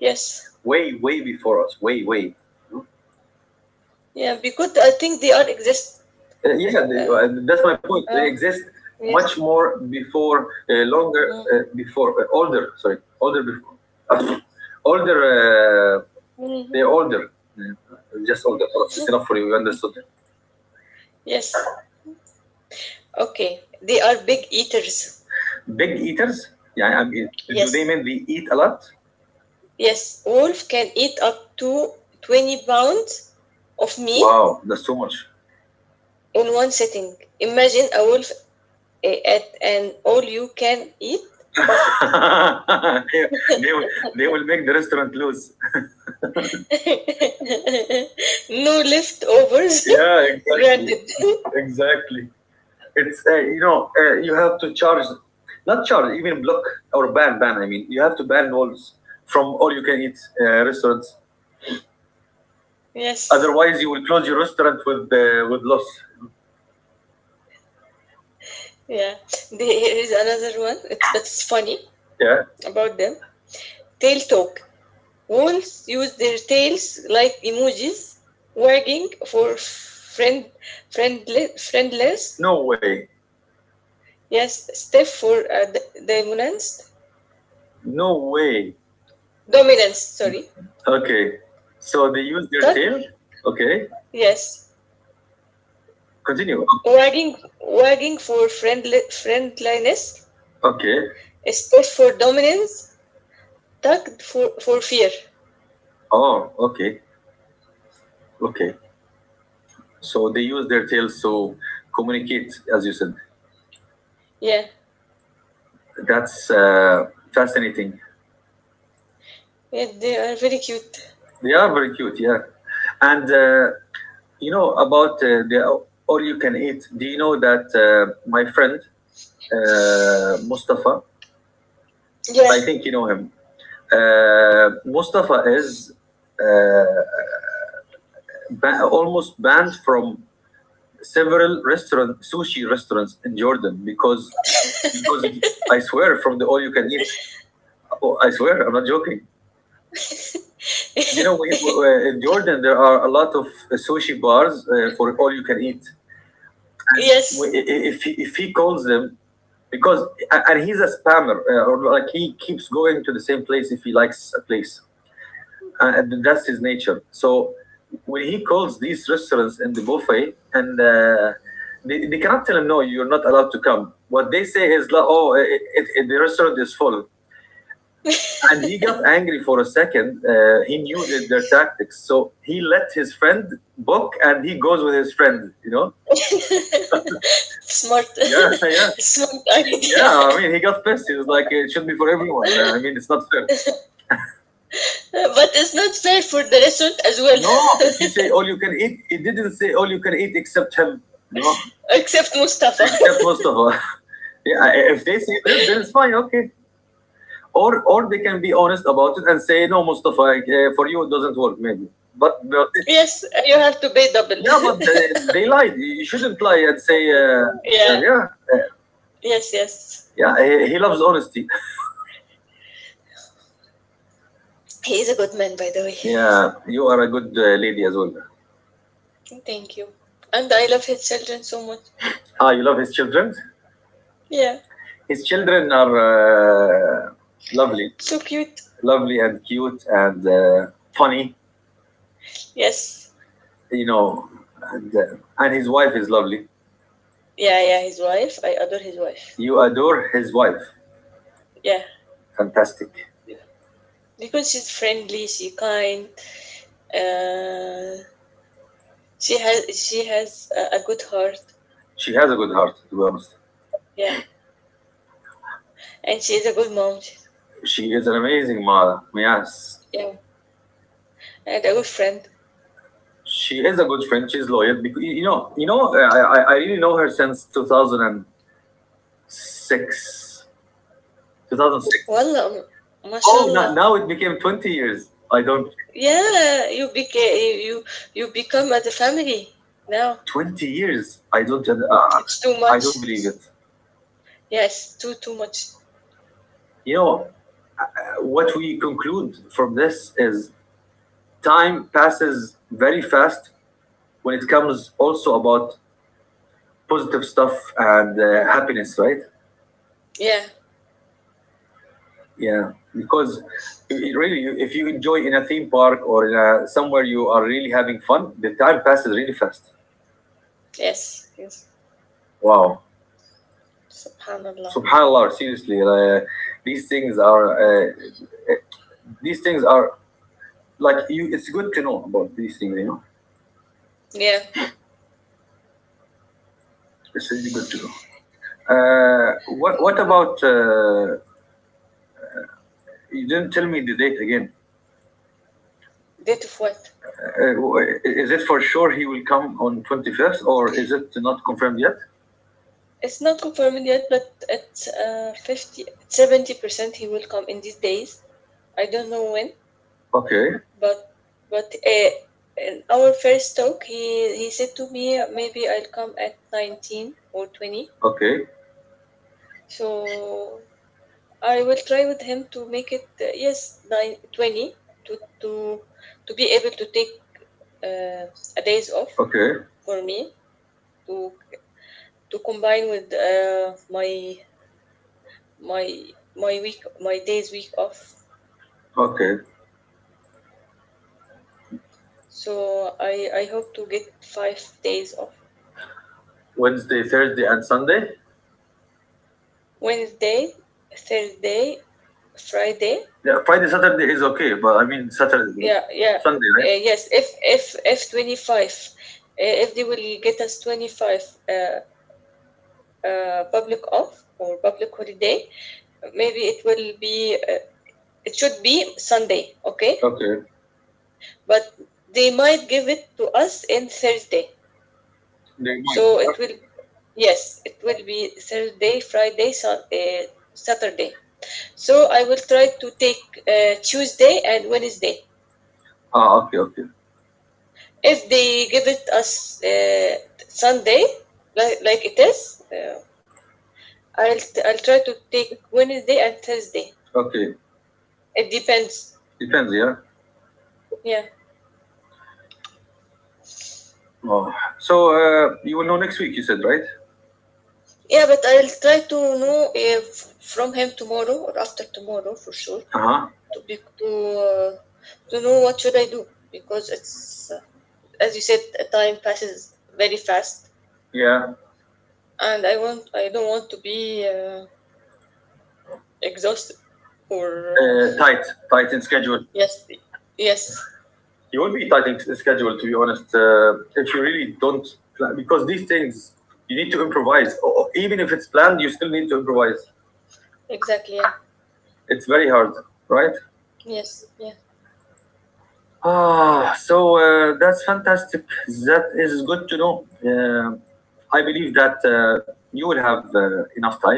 Yes.
Way, way before us. Way, way.
Yeah, because I think they are exist.
Uh, yeah, the-
Uh,
uh, that's my point. They
uh,
exist much
yes.
more before, uh, longer,
Mm.
uh, before, uh, older. Sorry, older before, uh, older. Uh,
Mhm.
they're older. Uh, just older. خلاص, it's enough for you. You understood.
Yes. Okay, they are big eaters.
Big eaters. Yeah, I mean, do they
Yes,
mean they eat a lot?
yes. Wolf can eat up to twenty pounds of meat
Wow, that's too much.
in one sitting. Imagine a wolf, eh, at an all you can eat buffet.
they, will- they will make the restaurant lose.
No leftovers.
Yeah, exactly,
Granted.
exactly. it's uh, you know uh, You have to charge, not charge, even block or ban ban, I mean, you have to ban walls from all you can eat uh, restaurants,
Yes.
otherwise you will close your restaurant with uh, with loss.
Yeah. There is another one. It's, but it's funny
Yeah.
about them. Tail talk. Wolves use their tails like emojis, wagging for friend, friendly, friendless,
No way.
yes, stiff for uh, dominance,
No way.
dominance, sorry,
Okay, so they use their
Tug,
tail. Okay,
yes,
continue.
wagging, wagging for friendly, friendliness,
Okay.
Steph for dominance, Tug for, for fear.
Oh, okay. Okay, so they use their tails to communicate, as you said.
Yeah,
That's uh, fascinating.
yeah, they are very cute.
They are very cute, yeah. And uh, you know about uh, the all you can eat. Do you know that uh, my friend, uh, Mustafa?
Yeah,
I think you know him. Uh, Mustafa is ba- almost banned from several restaurant sushi restaurants in Jordan because because of- I swear from the all you can eat. Oh, I swear, I'm not joking. You know, we, we, in Jordan there are a lot of sushi bars uh, for all you can eat. we-
yes.
if he, if he calls them because and he's a spammer uh, or like he keeps going to the same place if he likes a place, uh, and that's his nature. So when he calls these restaurants in the buffet and uh, they, they cannot tell him no, you're not allowed to come, what they say is like, oh, it, it, it- the restaurant is full. And he got angry for a second. Uh, he knew that their tactics, so he let his friend book and he goes with his friend, you know.
Smart,
Yeah, yeah.
smart
Yeah,
idea.
I mean, he got pissed. He was like, it should be for everyone. Uh, I mean, it's not fair.
But it's not fair for the restaurant as well.
No, if you say all you can eat, it didn't say all you can eat except him, you know,
Except Mustafa.
except Mustafa. Yeah, if they say this, then it's fine, okay. Or or they can be honest about it and say, no, Mustafa, uh, for you it doesn't work, maybe. But, but
Yes, you have to pay double.
yeah, but they, they lied. You shouldn't lie and say, uh, uh,
Yeah,
yeah, uh,
yes, yes.
yeah, he, he loves honesty.
He is a good man, by the way.
Yeah, you are a good uh, lady as well.
Thank you. And I love his children so much.
Ah, you love his children?
Yeah,
His children are uh, lovely,
so cute.
lovely and cute and uh, funny,
Yes,
you know, and, uh, and his wife is lovely.
yeah, yeah, his wife. I adore his wife.
You adore his wife.
Yeah,
Fantastic.
because she's friendly, she kind. Uh, she has she has a, a good heart.
She has a good heart, to be honest.
Yeah, and she is a good mom. She's,
She is an amazing mother. Yes,
yeah, and a good friend.
she is a good friend. She's loyal. Because you know, you know, uh, I I I really know her since two thousand and six, two thousand six.
والله ما شاء
Oh, no-
الله.
now it became twenty years. I don't.
Yeah, you bec you you become as a family now.
twenty years I don't uh,
It's too
I don't
much.
believe it.
Yes, too too much.
You know, uh, what we conclude from this is time passes very fast when it comes also about positive stuff and uh, happiness, right?
Yeah.
Yeah, because it really, if you enjoy in a theme park or in a, somewhere you are really having fun, the time passes really fast.
Yes. Yes.
Wow,
Subhanallah.
subhanallah, seriously. Uh, these things are uh, uh, these things are like you. It's good to know about these things, you know.
Yeah.
It's really good to know. Uh, what what about? Uh, you didn't tell me the date again.
Date of what?
Uh, w- is it for sure he will come on twenty fifth, or is it not confirmed yet?
It's not confirmed yet, but it's uh, fifty, seventy percent he will come in these days. I don't know when,
Okay,
but but uh, in our first talk, he he said to me maybe I'll come at nineteen or twenty.
okay,
So I will try with him to make it, uh, yes, nine twenty, to to to be able to take uh, a days off
okay,
for me to to combine with uh, my my my week, my days week off.
okay.
So I I hope to get five days off.
Wednesday, Thursday, and Sunday.
Wednesday, Thursday, Friday.
Yeah, Friday, Saturday is okay, but I mean Saturday,
Yeah, yeah,
Sunday, right?
uh, yes. If if if twenty-five, uh, if they will get us twenty-five. Uh, uh, Public off or public holiday, maybe it will be, uh, it should be Sunday, okay,
Okay,
but they might give it to us in Thursday.
they might.
So
Yeah?
it will, yes it will be Thursday, Friday, sun, uh, Saturday. So I will try to take uh, Tuesday and Wednesday.
Ah, okay, okay,
If they give it us uh, Sunday, like, like it is, uh, I'll, I'll try to take Wednesday and Thursday.
okay.
It depends.
Depends, yeah.
Yeah.
Oh. So uh, you will know next week, you said, right?
Yeah, but I'll try to know if from him tomorrow or after tomorrow for sure,
Uh huh.
to be to uh, to know what should I do, because it's, uh, as you said, uh, time passes very fast,
Yeah.
and I want I don't want to be uh, exhausted, or uh,
Uh, tight, tight in schedule.
yes, yes,
You won't be tight in schedule, to be honest, uh, if you really don't plan, because these things you need to improvise. O- even if it's planned, you still need to improvise.
exactly, yeah,
It's very hard, right.
yes, yeah,
Ah, so uh, that's fantastic. That is good to know. Um I believe that uh, you will have uh, enough time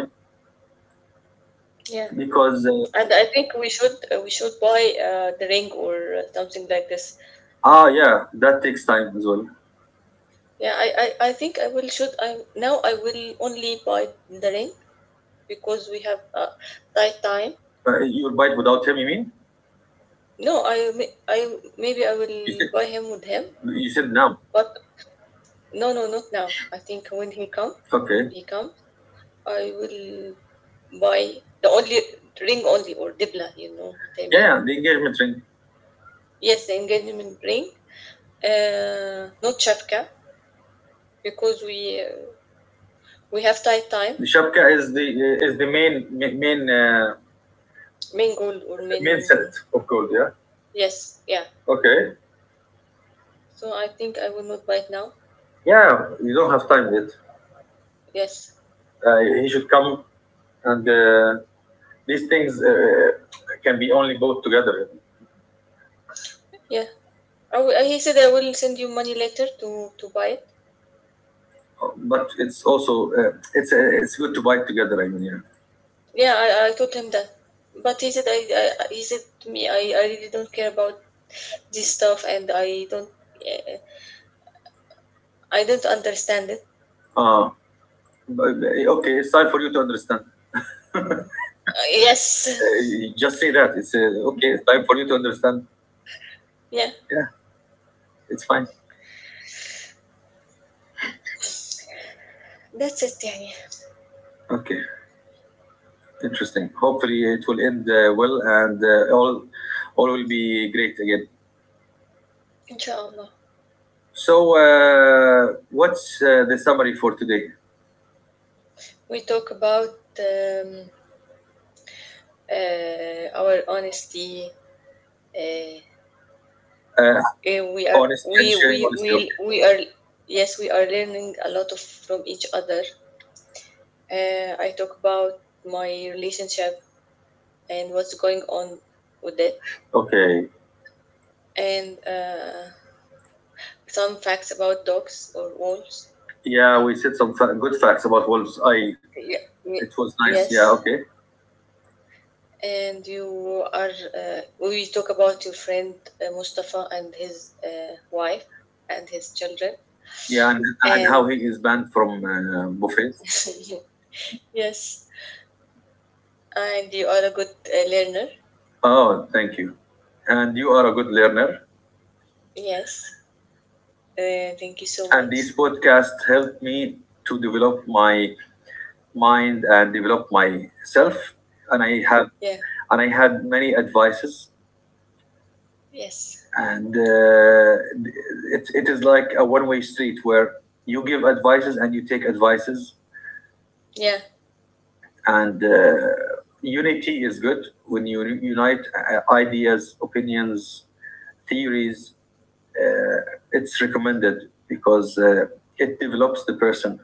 yeah.
because uh,
And I think we should, uh, we should buy, uh, the ring, or uh, something like this.
ah yeah, that takes time as well.
Yeah, I, I, I think I will should I now I will only buy the ring, because we have a tight time.
Uh, you'll bite without him, you mean.
No, I may- I maybe I
You
will
said,
buy him with him,
you said now.
but no no, not now. I think when he come
Okay,
he comes I will buy the only ring only, or dibla. You know what I mean?
yeah, yeah, the engagement ring.
Yes, the engagement ring. Uh, not chapka, because we uh, we have tight time.
The shapka is the is the main main main, uh,
Main gold or main,
main set of gold. Yeah.
yes, yeah.
Okay.
So I think I will not buy it now.
Yeah. You don't have time yet.
Yes.
Uh, he should come, and uh, these things uh, uh, can be only bought together.
Yeah. I will, he said I will send you money later to, to buy it.
But it's also uh, it's uh, it's good to buy it together. I mean, yeah.
Yeah, I, I told him that. But he said, I, I he said to me I, I really don't care about this stuff, and I don't uh, I don't understand it.
Uh, but, uh, okay. It's time for you to understand.
Uh,
Uh,
yes.
you just say that. It's uh, okay. It's time for you to understand.
yeah.
Yeah. It's fine.
That's it يعني.
Okay. Interesting. Hopefully, it will end uh, well, and uh, all all will be great again.
Inshallah.
So, uh, what's uh, the summary for today?
We talk about um, uh, our honesty, uh,
Uh,
eh, we are
Honesty
we
and
we
sharing
we
honesty. Okay.
we are, yes, we are learning a lot of from each other, uh, I talk about my relationship and what's going on with it,
Okay.
and uh, some facts about dogs or wolves.
Yeah, we said some fa- good facts about Wolves. I.
Yeah,
It
ye-
was nice.
yes.
Yeah. Okay.
and you are uh, We talk about your friend, uh, Mustafa, and his, uh, wife, and his children,
Yeah, and and how
and
he is banned from uh, buffets.
yes, and you are a good, uh, learner.
Oh, thank you. And you are a good learner.
Yes. Uh, thank you so
And
much.
this podcast helped me to develop my mind and develop myself and I have,
Yeah.
and I had many advices,
Yes.
and uh, it, it is like a one-way street where you give advices and you take advices.
Yeah.
And uh, unity is good when you unite uh, ideas, opinions, theories. uh, it's recommended because uh, it develops the person.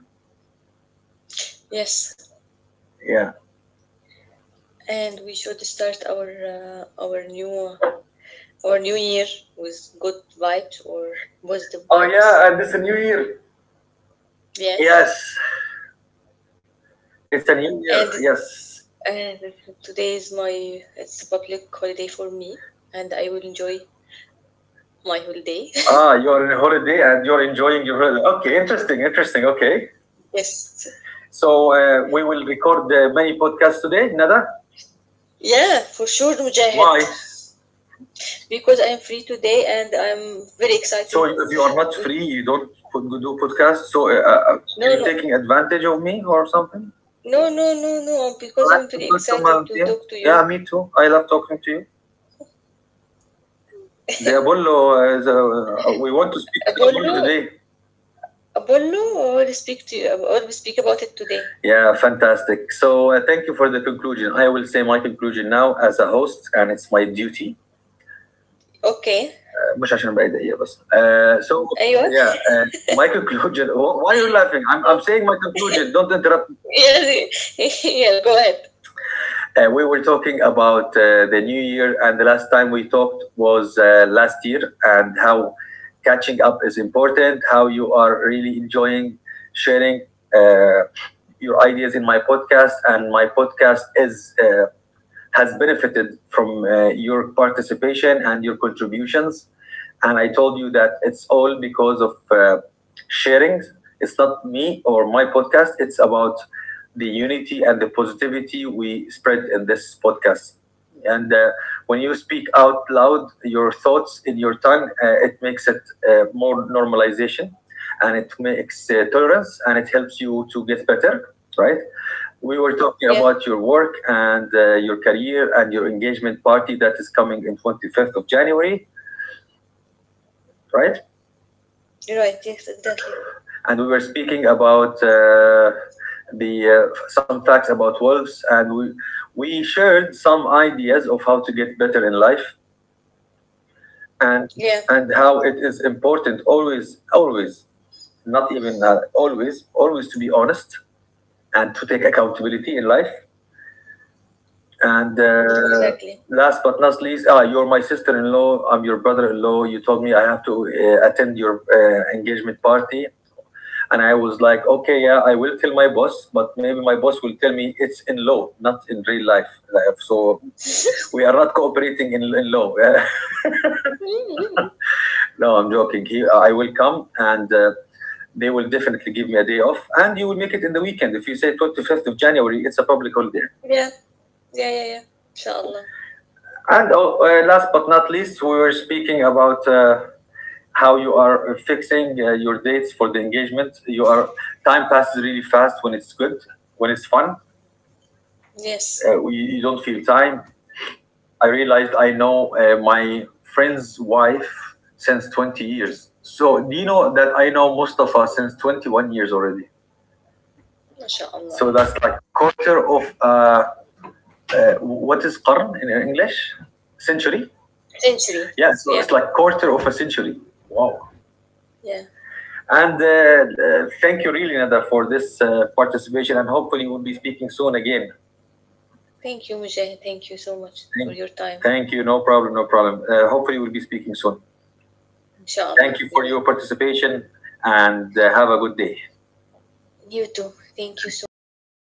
Yes.
Yeah.
And we should start our uh, our new our new year with good vibes, or positive
Oh
vibes.
yeah, and it's a new year.
Yes.
Yes, it's a new
And,
year. Yes.
uh, today is my it's a public holiday for me, and I will enjoy my holiday.
Ah, you're on holiday and you're enjoying your holiday. Okay, interesting, interesting. Okay.
yes.
So uh, we will record uh, many podcasts today, Nada.
Yeah, for sure, Mujahid,
Why?
because I'm free today and I'm very
So
excited
if you are not
to.
free, you don't put, do podcasts. So uh, uh, uh, are
No,
you
no,
taking advantage of me or something?
no, no, no, no,
I
because
like
I'm
to
very
talk to
excited
my-
to
Yeah,
talk to you.
yeah, me too. I love talking to you. The Apollo, uh, the, uh, we want to speak to the
بقول
Apollo
له
today.
باقول له we'll speak to we'll speak about it today.
Yeah, fantastic. So uh, thank you for the conclusion. I will say my conclusion now as a host, and it's my duty
Okay.
مش عشان بعيد هي بس uh, so
أيوه.
yeah. Uh, my conclusion. Why are you laughing? I'm, I'm saying my conclusion, don't interrupt.
Yeah, yeah, go ahead.
Uh, we were talking about uh, the new year and the last time we talked was uh, last year, and how catching up is important, how you are really enjoying sharing uh, your ideas in my podcast, and my podcast is uh, has benefited from uh, your participation and your contributions. And I told you that it's all because of uh, sharing. It's not me or my podcast, it's about the unity and the positivity we spread in this podcast. And uh, when you speak out loud your thoughts in your tongue, uh, it makes it uh, more normalization, and it makes uh, tolerance, and it helps you to get better, right. We were talking
Yeah,
about your work and uh, your career and your engagement party that is coming in twenty fifth of January, right.
you're right. Yes, exactly.
And we were speaking about uh, the uh, some facts about wolves, and we we shared some ideas of how to get better in life, and
Yeah,
and how it is important always always, not even uh, always always, to be honest and to take accountability in life. And uh,
exactly.
last but not least, ah, you're my sister-in-law, I'm your brother-in-law. You told me I have to uh, attend your uh, engagement party, and I was like okay, yeah, I will tell my boss, but maybe my boss will tell me it's in law, not in real life. Like, so we are not cooperating in, in law. No, I'm joking. He, uh, I will come and uh, they will definitely give me a day off. And you will make it in the weekend. If you say twenty fifth of January, it's a public holiday.
Yeah, yeah, yeah, yeah. إن شاء الله.
And oh, uh, last but not least, we were speaking about uh, how you are fixing uh, your dates for the engagement. You are time passes really fast when it's good, when it's fun.
Yes.
Uh, you, you don't feel time. I realized I know uh, my friend's wife since twenty years. So do you know that I know Mustafa since twenty one years already?
ما شاء الله.
So that's like quarter of uh, uh, what is qarn in English? Century.
Century.
Yeah, so it's
Yeah,
like quarter of a century. Wow.
yeah.
And uh, uh, thank you really, Nada, for this uh, participation. And hopefully we'll be speaking soon again.
Thank you, Mujahid. Thank you so much for
Thank,
your time.
thank you. No problem. No problem. Uh, hopefully we'll be speaking soon.
إن شاء
Thank
الله
you
we
for
will.
your participation and uh, have a good day.
You too. Thank you so much.
Bye.